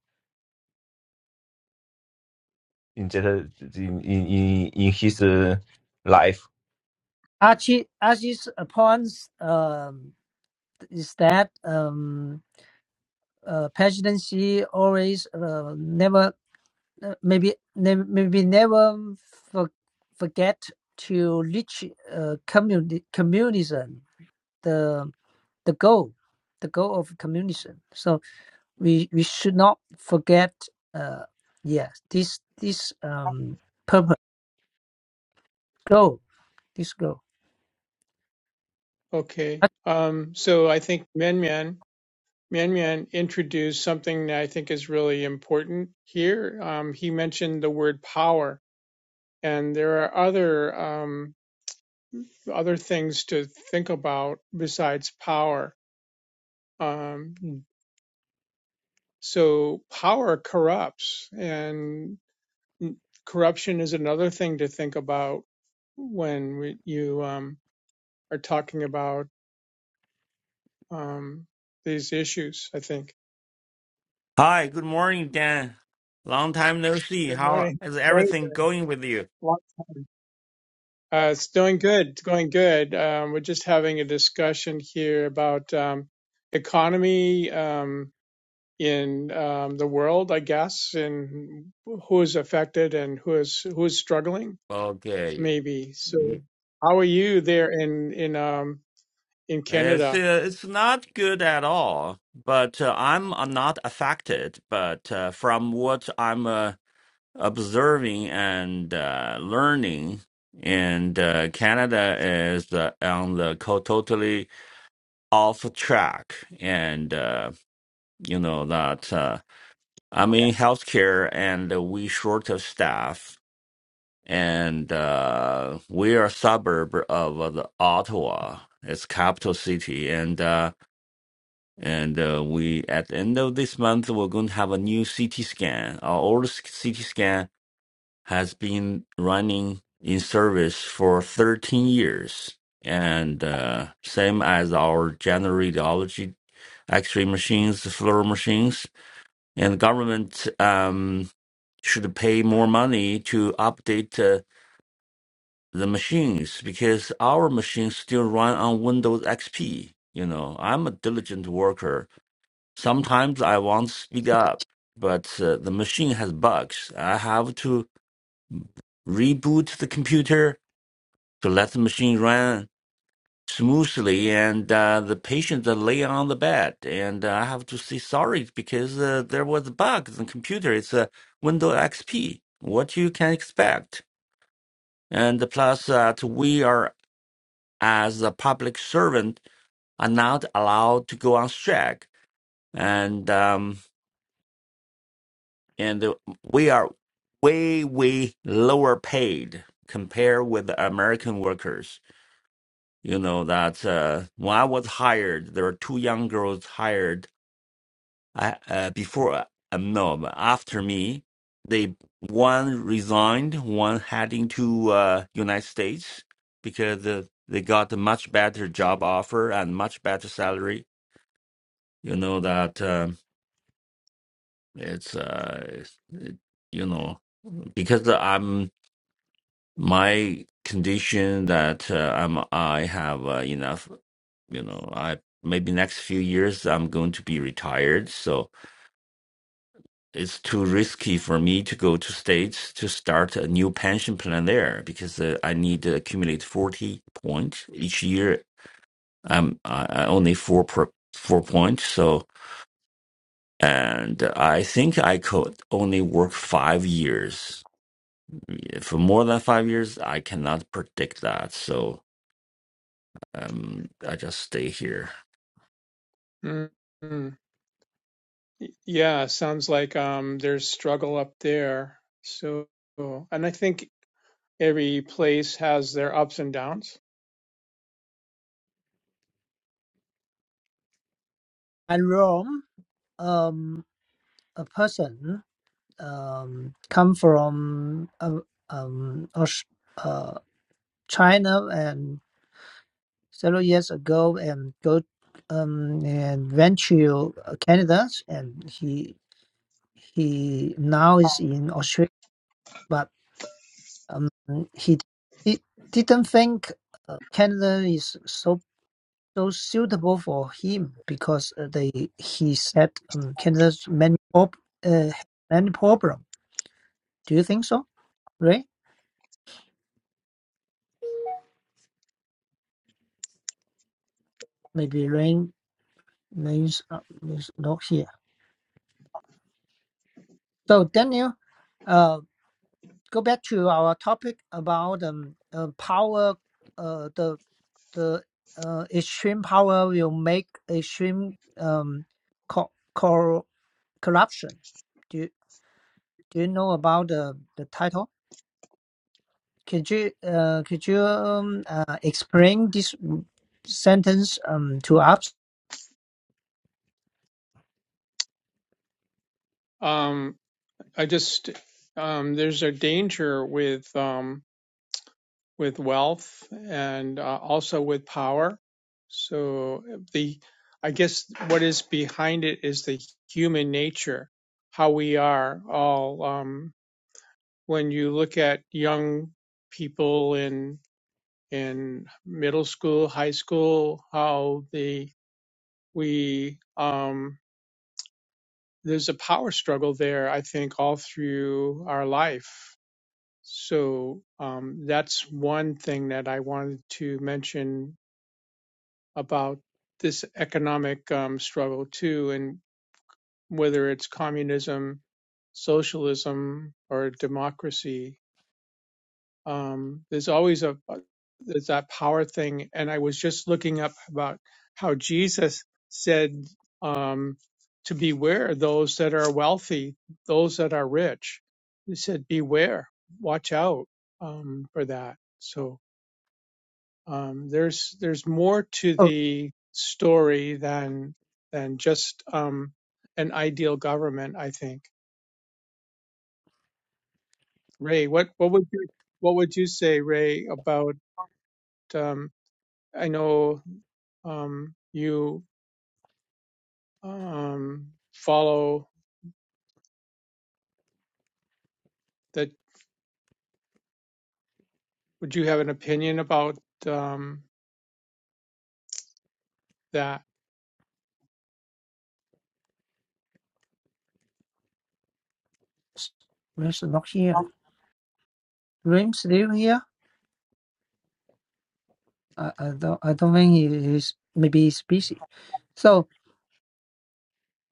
S3: in that in in in in his uh, life.
S1: Archie Archie's points um, is that um, uh, presidency always uh, never uh, maybe ne- maybe never for, forget to reach uh, communi- communism the the goal the goal of communism so we we should not forget uh yeah this this um purpose goal this goal
S2: Okay. Um, so I think Menman Menman introduced something that I think is really important here. Um, he mentioned the word power, and there are other um, other things to think about besides power. Um, so power corrupts, and corruption is another thing to think about when we, you um, are talking about um, these issues. I think.
S5: Hi, good morning, Dan. Long time no see.
S2: Good
S5: How
S2: morning.
S5: is
S2: Good morning.
S5: everything going with you?
S2: Long time. Uh, it's doing good. It's going good. Um, we're just having a discussion here about um, economy um, in um, the world, I guess, and who is affected and who is who is struggling,
S5: Okay.
S2: maybe. So, how are you there in in um, in
S5: It's
S2: Canada?
S5: uh, it's not good at all, but uh, I'm uh, not affected. But uh, from what I'm uh, observing and uh, learning, and uh, Canada is uh, on the co- totally off track, and uh, you know that uh, I'm
S3: Yeah.
S5: in healthcare and we short of staff. and uh, we are a suburb of uh, the Ottawa. It's capital city, and uh, and uh, we at the end of this month we're going to have a new CT scan. Our old CT scan has been running in service for 13 years, and uh, same as our general radiology X-ray machines, fluor machines, and government um, should pay more money to update. uh, the machines because our machines still run on Windows XP. You know, I'm a diligent worker. Sometimes I want to speed up, but uh, the machine has bugs. I have to reboot the computer to let the machine run smoothly, and uh, the patients are laying on the bed, and uh, I have to say sorry because uh, there was a bug in the computer. It's a Windows XP. What you can expect. And plus, that we are as a public servant are not allowed to go on strike, and um, and we are way way lower paid compared with the American workers. You know that uh, when I was hired, there were two young girls hired uh, uh, before uh, um, no after me. They one resigned, one heading to uh, United States because uh, they got a much better job offer and much better salary you know that um it's uh it's- it, you know because i'm my condition that uh, i'm i have uh, enough you know i maybe next few years i'm going to be retired so it's too risky for me to go to states to start a new pension plan there because uh, i need to accumulate 40 points each year i'm i I only four per four points so and I think I could only work five years. For more than five years, I cannot predict that, so um, I just stay here.
S2: Mm. Y- Yeah, sounds like um, there's struggle up there. So, and I think every place has their ups and downs.
S1: and Rome um a person um come from uh, um Aus- uh, China and several years ago and go um, and went to uh, Canada and he he now is in Australia but um, he, he didn't think uh, Canada is so so suitable for him because uh, they he said um, Canada's many prob- uh, many problem. Do you think so, Ray? Maybe Ray Ray's, uh, is not here. So Daniel. uh. go back to our topic about um, uh, power. Uh, the the uh, extreme power will make extreme um, co- cor- corruption. Do you, do you know about the the title? Could you uh, could you um, uh, explain this sentence um, to us?
S2: Um, I just um, there's a danger with um, with wealth and uh, also with power. So uh, the I guess what is behind it is the human nature, how we are all. Um, when you look at young people in in middle school, high school, how the we um, there's a power struggle there. I think all through our life. So um, that's one thing that I wanted to mention about this economic um, struggle too, and whether it's communism, socialism, or democracy um, there's always a there's that power thing and i was just looking up about how jesus said um, to beware those that are wealthy those that are rich he said beware watch out um, for that so um, there's there's more to
S1: Oh,
S2: the story than than just um, an ideal government i think ray what what would you what would you say ray about um, i know um, you um, follow that would you have an opinion about um, that
S1: Rim's not here. Rim's still here. I, I don't I don't think he is. Maybe he's busy. So.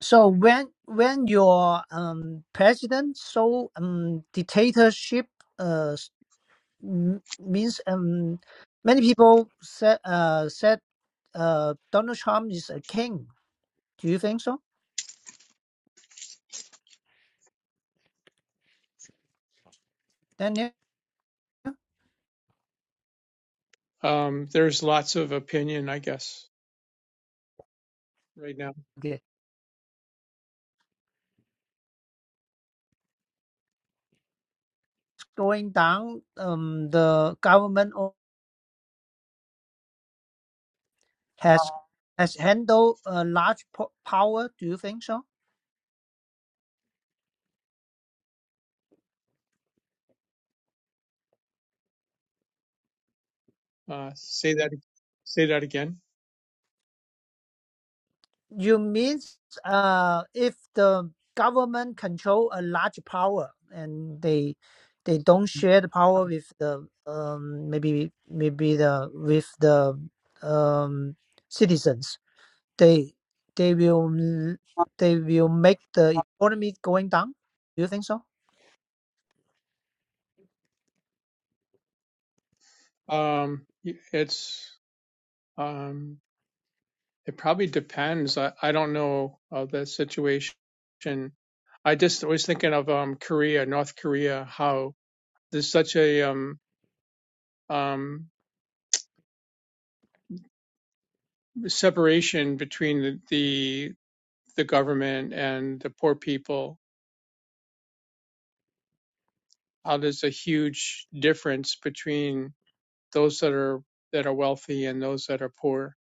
S1: So when when your um president so um dictatorship uh s- m- means um many people said uh said uh Donald Trump is a king. Do you think so? Daniel?
S2: um, there's lots of opinion i guess right now
S1: Okay. going down um the government o- has has handled a large po- power. Do you think so?
S2: uh, say that say that again
S1: You mean uh, if the government control a large power and they they don't share the power with the um, maybe maybe the with the um, citizens, they they will l- they will make the economy going down. Do you think so?
S2: um, it's um, it probably depends i, I don't know uh, the situation i just was thinking of um, korea north korea how there's such a um, um, separation between the, the the government and the poor people how there's a huge difference between those that are that are wealthy and those that are poor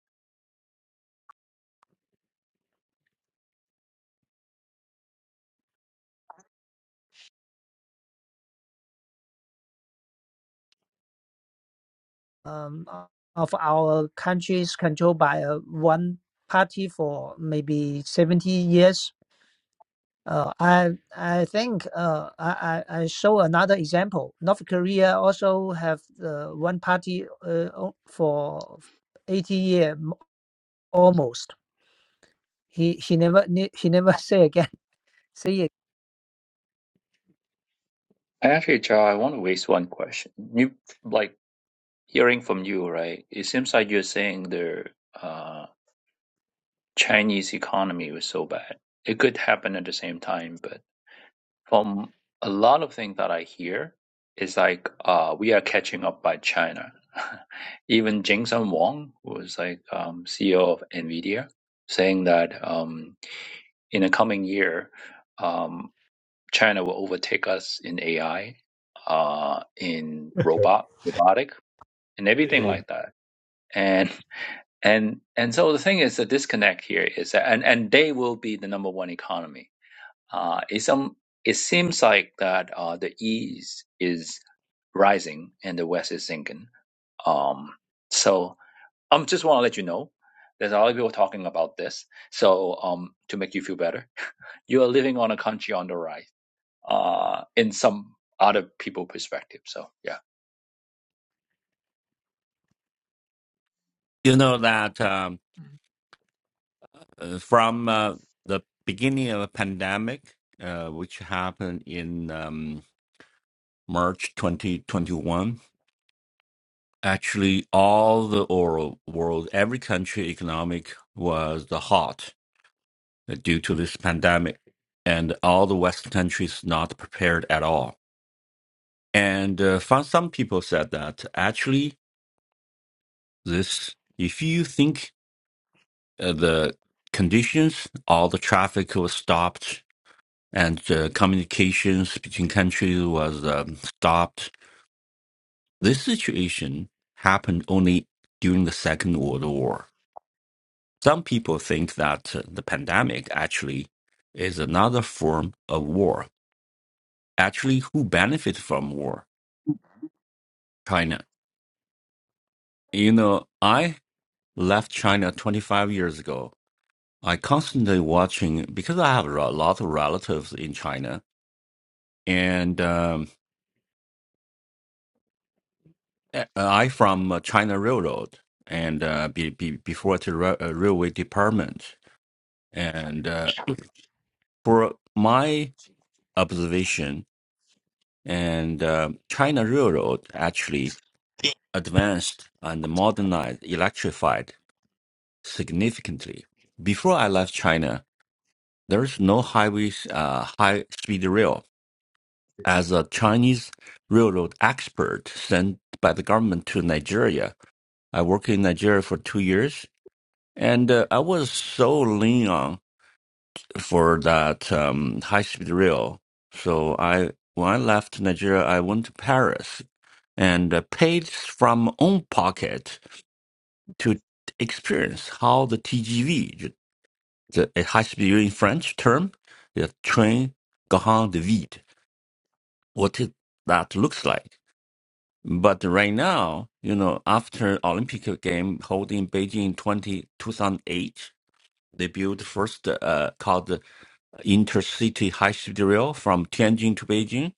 S1: Um, o- of our countries controlled by a one party for maybe seventy years Uh, I I think uh, I, I I show another example. North Korea also have uh, one party uh, o- for 80 year m- almost. He he never ne- he never say again. Say it.
S4: Actually, Charles, I want to raise one question. You like hearing from you, right? It seems like you're saying the uh, Chinese economy was so bad. It could happen at the same time, but from a lot of things that I hear it's like uh, we are catching up by China. Even Jensen Huang, who is like um, CEO of Nvidia, saying that um, in the coming year, um, China will overtake us in AI, uh, in robot robotic, and everything like that. And and and so the thing is the disconnect here is that and and they will be the number one economy uh, it, some, it seems like that uh, the east is rising and the west is sinking. Um, so I um, just want to let you know there's a lot of people talking about this. So um, to make you feel better, you are living on a country on the rise uh, in some other people perspective. So yeah,
S5: You know that um, uh, from uh, the beginning of the pandemic, uh, which happened in um, March 2021, actually all the oral world, every country economic was the hot due to this pandemic, and all the Western countries not prepared at all And uh, found some people said that actually, this if you think uh, the conditions, all the traffic was stopped, and uh, communications between countries was um, stopped, this situation happened only during the Second World War. Some people think that uh, the pandemic actually is another form of war. Actually, who benefits from war? China. You know, I left China 25 years ago I constantly watching because I have a lot of relatives in China, and um, uh, I from uh, China Railroad, and uh, be, be, before to ra- uh, railway department, and uh, for my observation, and uh, China Railroad actually advanced and modernized, electrified significantly. Before I left China, there's no highways, uh, high speed rail as a Chinese railroad expert sent by the government to Nigeria. I worked in Nigeria for two years, and uh, I was so lean on for that um, high speed rail. So I, when I left Nigeria, I went to Paris and uh, paid from my own pocket to experience how the TGV, the a high speed rail in French term, the train grand de vide, what it, that looks like. But right now, you know, after Olympic game held in Beijing 20, 2008, they built first uh, called the intercity high speed rail from Tianjin to Beijing.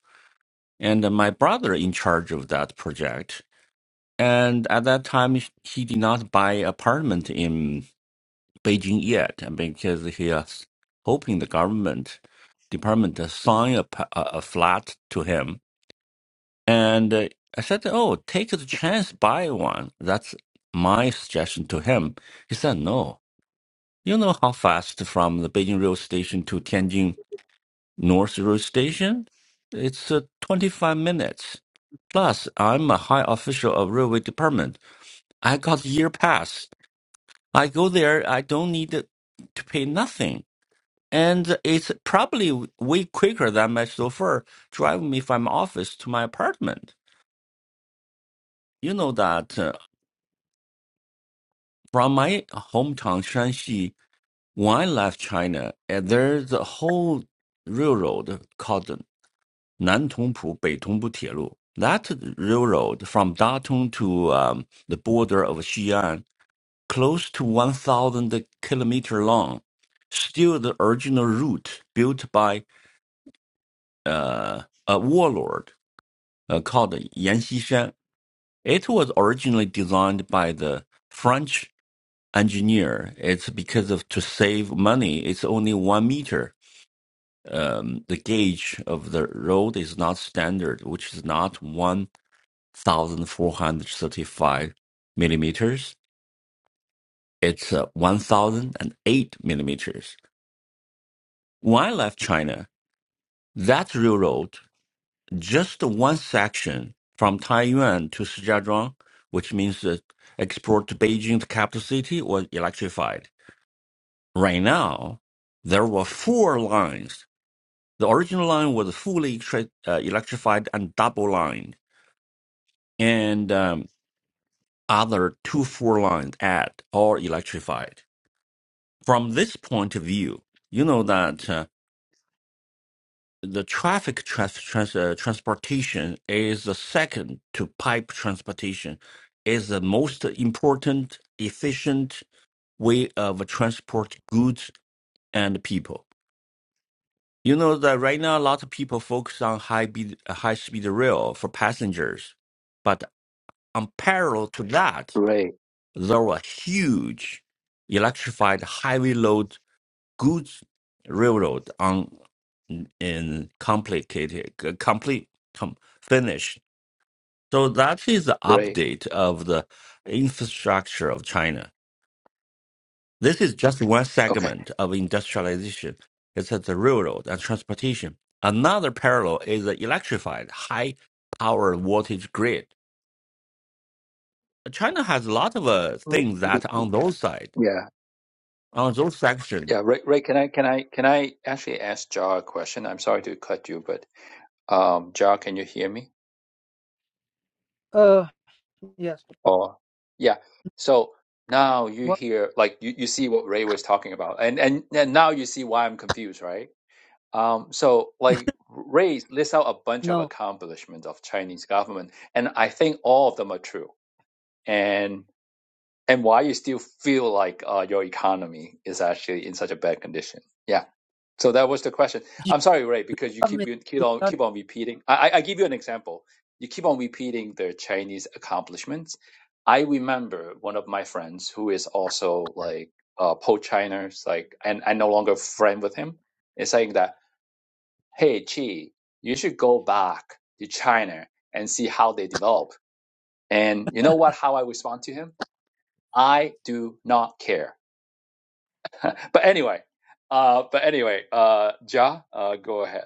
S5: And my brother in charge of that project. And at that time, he did not buy apartment in Beijing yet because he is hoping the government department to sign a, p- a a flat to him And uh, I said, Oh, take the chance, buy one. That's my suggestion to him. He said, No. You know how fast from the Beijing Rail Station to Tianjin North Rail Station? It's uh, 25 minutes. Plus, I'm a high official of railway department. I got year pass. I go there. I don't need to pay nothing. And it's probably way quicker than my chauffeur driving me from my office to my apartment. You know that. uh, from my hometown Shanxi, when I left China, eh, there's a whole railroad called the 南通浦北通浦铁路. That railroad from Datong to um, the border of Xi'an, close to 1,000 kilometer long, still the original route built by uh, a warlord uh, called Yan Xishan. It was originally designed by the French engineer. It's because of to save money. It's only one meter. Um, the gauge of the road is not standard, which is not one thousand four hundred thirty-five millimeters. It's uh, one thousand and eight millimeters. When I left China, that railroad, just one section from Taiyuan to Shijiazhuang, which means the export to Beijing, the capital city, was electrified. Right now, there were four lines The original line was fully electri- uh, electrified and double lined, and um, other two four lines add or electrified. From this point of view, you know that uh, the traffic trans- trans- uh, transportation is the second to pipe transportation, is the most important, efficient way of transport goods and people. You know that right now a lot of people focus on high, be- high speed rail for passengers but And parallel to that,
S4: Ray,
S5: there were huge electrified heavy load goods railroad on in complicated complete com, finish. So that is the
S4: Ray,
S5: update of the infrastructure of China. This is just one
S4: okay,
S5: segment of industrialization. It's at the railroad and transportation. Another parallel is the electrified high power voltage grid. China has a lot of uh,
S4: Mm,
S5: things
S4: mm,
S5: that
S4: mm.
S5: on those side.
S4: yeah.
S5: I was also section.
S4: Yeah, Ray, Ray, can I can I can I actually ask Jar a question? I'm sorry to cut you, but um, Jar, can you hear me?
S1: Uh yes.
S4: Oh, yeah. So now you
S1: What?
S4: hear, like, you, you see what Ray was talking about, and and and now you see why I'm confused, right? Um, so like Ray lists out a bunch of
S1: No.
S4: accomplishments of Chinese government, and I think all of them are true. And and why you still feel like uh, your economy is actually in such a bad condition? Yeah. So that was the question. I'm sorry, Ray, because you keep
S1: Government
S4: you keep on keep on repeating. I I I give you an example. You keep on repeating the Chinese accomplishments. I remember one of my friends who is also like uh pro-China, like and I am no longer friend with him, is saying that, hey Chi, you should go back to China and see how they develop. And you know what? How I respond to him? I do not care. But anyway, uh, but anyway, uh, Ja, uh, go ahead.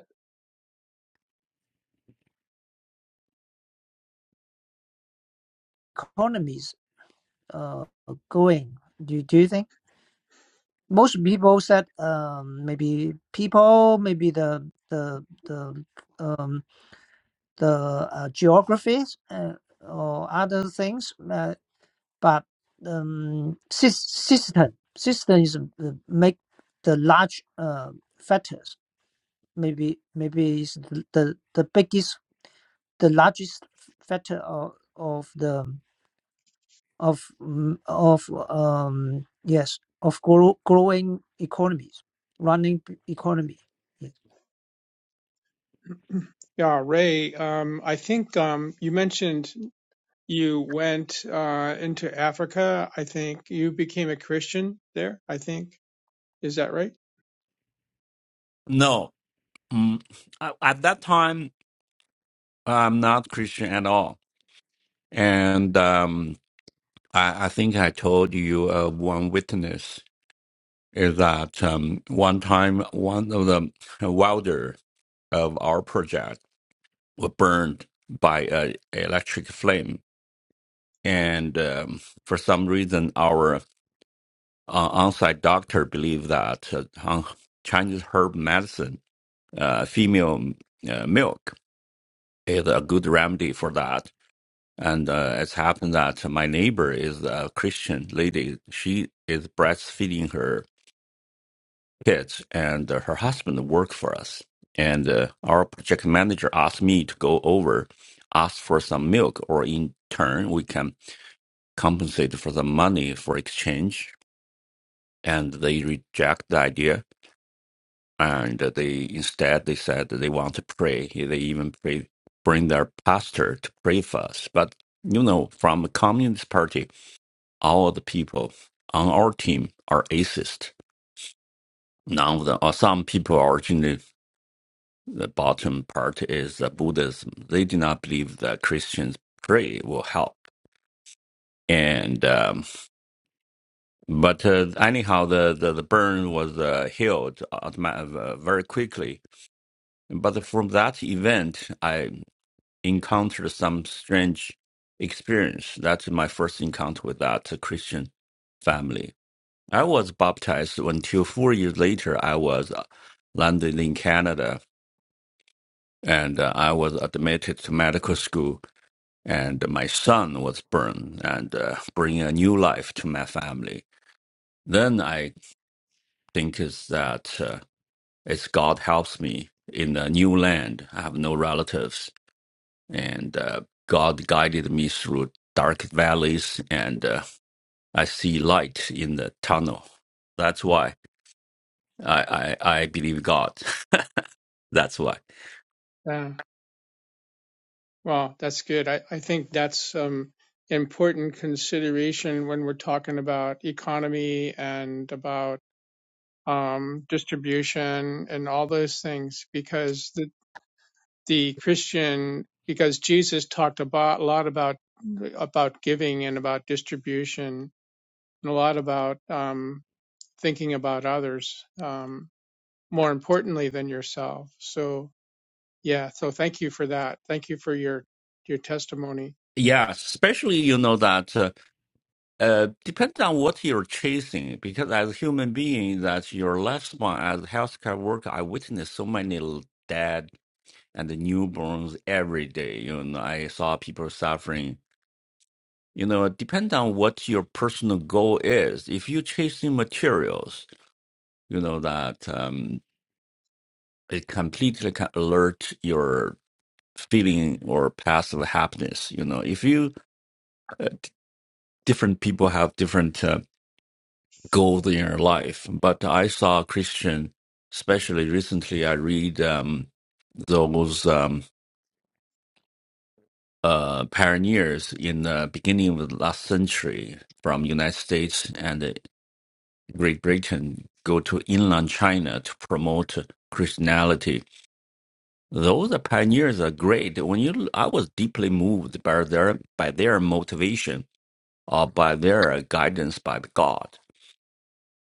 S1: economies uh going. Do do you think most people said um maybe people maybe the the the um the uh, geographies uh, or other things, uh, but um, sys- system system is uh, make the large uh, factors. Maybe maybe is the, the the biggest the largest factor of, of the of mm, of um yes of grow, growing economies, running p- economy. Yes.
S2: yeah ray um, i think um, you mentioned you went uh, into africa i think you became a christian there i think is that right
S5: No, mm, I- at that time I'm not Christian at all, and um, I, I think I told you uh, one witness is that um, one time one of the welder of our project were burned by a electric flame, and um, for some reason our uh, on-site doctor believed that uh, Chinese herb medicine, uh, female uh, milk is a good remedy for that. And uh, it's happened that my neighbor is a Christian lady. She is breastfeeding her kids, and uh, her husband works for us. And uh, our project manager asked me to go over, ask for some milk, or in turn, we can compensate for the money for exchange. And they reject the idea and they instead they said that they want to pray. They even pray, bring their pastor to pray for us. But you know, from the Communist Party, all the people on our team are atheist. None of them, or some people are originally the bottom part is the Buddhism. They do not believe that Christians pray will help. And um, but uh, anyhow, the, the, the burn was uh, healed automa- uh, very quickly. But from that event, I encountered some strange experience. That's my first encounter with that Christian family. I was baptized until four years later. I was uh, landed in Canada and uh, I was admitted to medical school. And my son was born and uh, bring a new life to my family. Then I think is that uh, it's God helps me in a new land. I have no relatives and uh, God guided me through dark valleys, and uh, I see light in the tunnel. That's why I I, I believe God. That's why.
S2: Yeah. Well, that's good. I, I think that's um, important consideration when we're talking about economy and about um, distribution and all those things, because the, the Christian, because Jesus talked about a lot about about giving and about distribution and a lot about um, thinking about others um, more importantly than yourself. So yeah, so thank you for that. Thank you for your your testimony.
S5: Yeah, especially you know that uh, uh, depends on what you're chasing, because as a human being, that your lifespan as a healthcare worker, I witnessed so many l- dead and the newborns every day. You know, I saw people suffering you know depend on what your personal goal is if you're chasing materials you know that um, it completely can alert your feeling or path of happiness you know if you uh, d- different people have different uh, goals in your life but i saw a christian especially recently i read um, those um, uh, pioneers in the beginning of the last century from united states and. uh, Great Britain go to inland China to promote Christianity. Those pioneers are great. When you, I was deeply moved by their by their motivation or by their guidance by God.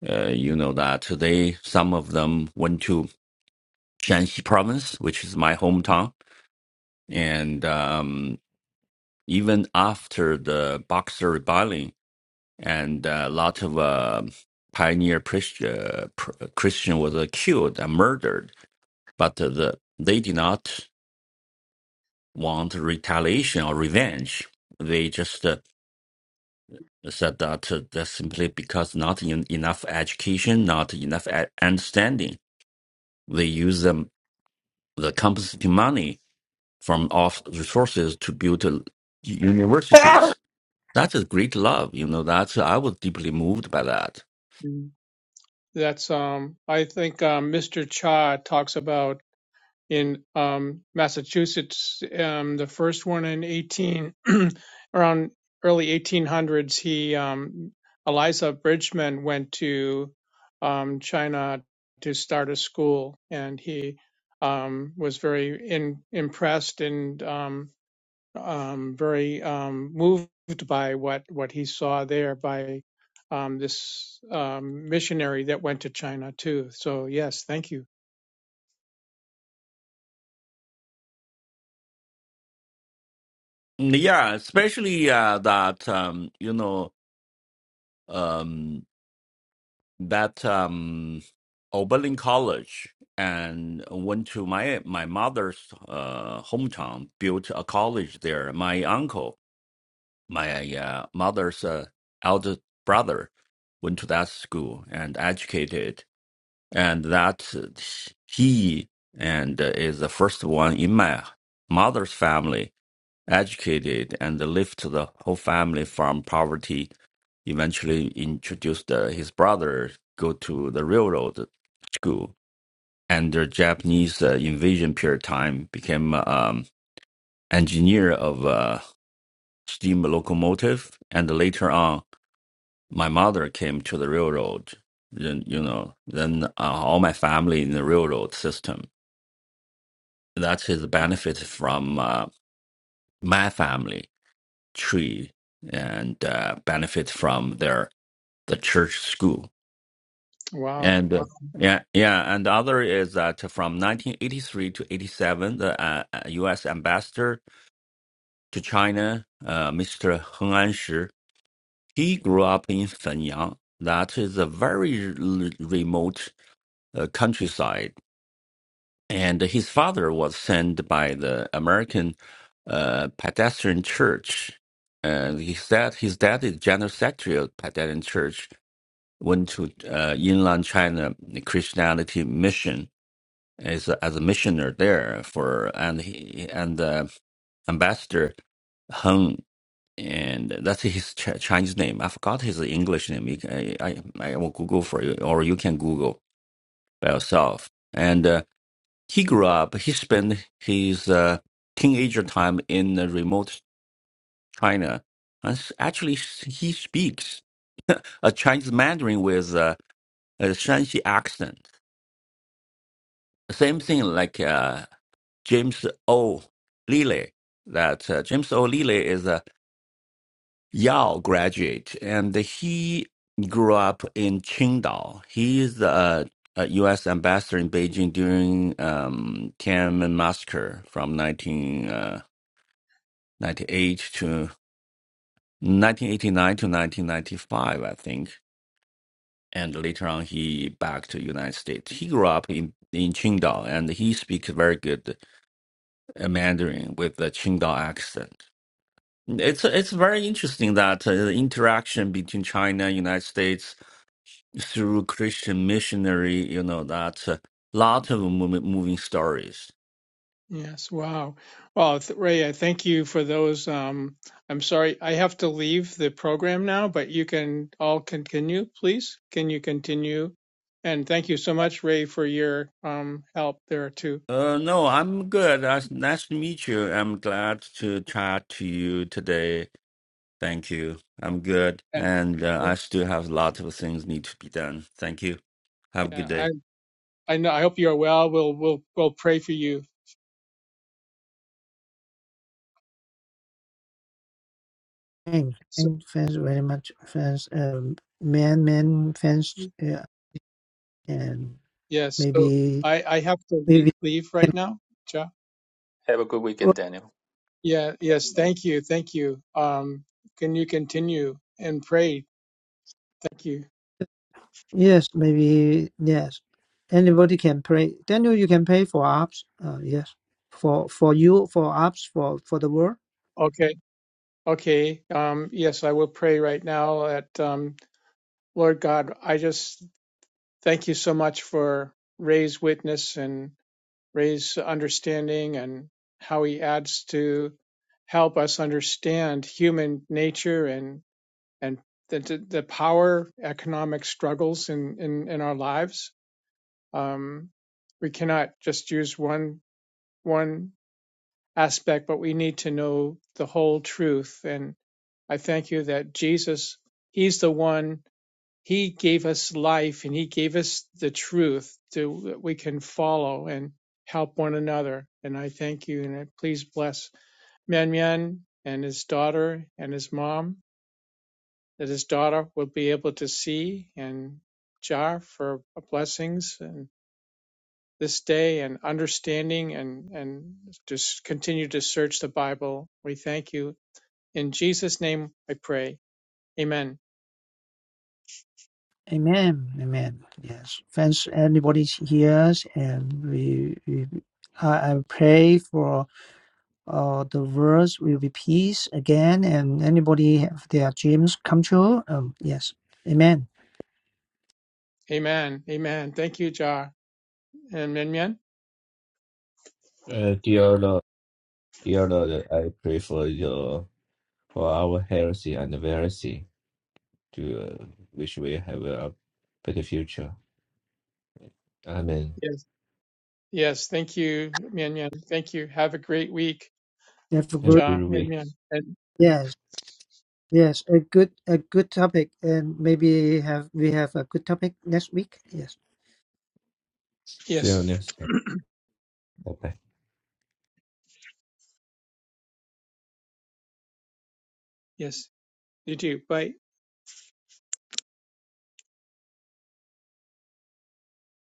S5: Uh, you know that they some of them went to Shanxi province, which is my hometown, and um, even after the Boxer Rebellion and a lot of uh, pioneer Christian, Christian was uh, killed and murdered but uh, the, they did not want retaliation or revenge. They just uh, said that uh, that's simply because not en- enough education, not enough a- understanding. They use them the compensatory money from off resources to build uh, universities. That's a great love, you know. That's I was deeply moved by that.
S2: that's um I think um, Mr. Cha talks about in um Massachusetts um the first one in 18 around early 1800s he um Eliza Bridgman went to um China to start a school and he um was very in, impressed and um um, very um, moved by what what he saw there by um, this um, missionary that went to China too. So yes, thank you.
S5: Yeah, especially uh, that um, you know. Um, that um, Oberlin College and went to my my mother's uh, hometown, built a college there. My uncle, my uh, mother's uh, elder brother, went to that school and educated, and that uh, he and uh, is the first one in my mother's family educated and lifted the whole family from poverty eventually introduced uh, his brother go to the railroad school and the japanese uh, invasion period time became um, engineer of uh, steam locomotive and later on my mother came to the railroad then you know then uh, all my family in the railroad system that's his benefit from uh, my family tree and uh, benefit from their the church school
S2: Wow,
S5: And
S2: wow,
S5: uh, yeah, yeah. And the other is that from 1983 to 87, the uh, uh, U.S. ambassador to China, uh, Mr. Heng Anshi, he grew up in Fenyang. That is a very r- remote uh, countryside. And his father was sent by the American uh, Pedestrian Church. And his dad, his dad is general secretary of Pedestrian Church, went to uh, inland China Christianity mission is as a missioner there for and he and uh, ambassador Hung and that's his Ch- Chinese name. I forgot his English name. You can- I, I I will Google for you, or you can Google by yourself. And uh, he grew up. He spent his uh, teenager time in uh, remote China. And s- actually, s- he speaks a Chinese Mandarin with uh, a Shanxi accent. Same thing like. uh, James O. Lilly. That uh, James O. Lilly is a Yale graduate, and he grew up in Qingdao. He is the uh, U.S. ambassador in Beijing during um, Tiananmen massacre from 1998 to 1989 to 1995, I think. And later on, he back to United States. He grew up in in Qingdao, and he speaks very good uh, Mandarin with the Qingdao accent It's it's very interesting that uh, the interaction between China and United States through Christian missionary, you know, that a lot of moving, moving stories.
S2: yes, wow. Well, th- Ray, I thank you for those. Um, I'm sorry, I have to leave the program now, but you can all continue, please. Can you continue? And thank you so much, Ray, for your um, help there too.
S5: Uh, no, I'm good. Uh, nice to meet you. I'm glad to chat to you today. Thank you. I'm good,
S2: Yeah,
S5: and uh,
S2: I,
S5: I still have a lot of things need to be done. Thank you. Have a good day.
S2: yeah, I, I know. I hope you are well. We'll we'll we'll pray for you.
S1: Thanks,
S2: So
S1: thanks thanks very much. Thanks, um, man, man, thanks. and
S2: Yes. So
S1: maybe
S2: I, I have to le-
S1: maybe
S2: leave
S1: can
S2: right now. Ja.
S4: Have a good
S1: well,
S4: weekend, Daniel.
S2: Yeah. Yes. Thank you. Thank you. Um, can you continue and pray? Thank you.
S1: yes maybe yes anybody can pray daniel you can pray for ops uh, yes for for you for ops for for the world
S2: Okay. Okay. Um, yes, I will pray right now at, um, Lord God, I just thank you so much for Ray's witness and Ray's understanding and how he adds to help us understand human nature and. and the, the power economic struggles in in, in our lives. Um, we cannot just use one one aspect, but we need to know the whole truth. And I thank you that Jesus, He's the one. He gave us life, and He gave us the truth to, that we can follow and help one another. And I thank you, and please bless Mian Mian and his daughter and his mom that his daughter will be able to see and jar for blessings and this day and understanding and and just continue to search the Bible. We thank you in Jesus' name. I pray. Amen.
S1: amen amen yes thanks anybody here and we, we I, I pray for uh, the world will be peace again and anybody have their dreams come true um yes amen
S2: Amen. Amen. Thank you, Jar and Mian Mian.
S3: Uh, dear Lord, dear Lord, I pray for your for our health and welfare, to uh, which we have a better future. Amen.
S2: Yes. Yes. Thank you, Mian Mian. Thank you. Have a great week,
S1: have a
S3: Have a
S1: great
S2: Jar
S3: good
S2: Mian
S3: week.
S2: Mian. And
S1: yes Yes, a good a good topic, and maybe have we have a good topic next week. Yes.
S3: See you
S2: yes.
S3: next time. Bye bye.
S2: Yes. You too. Bye.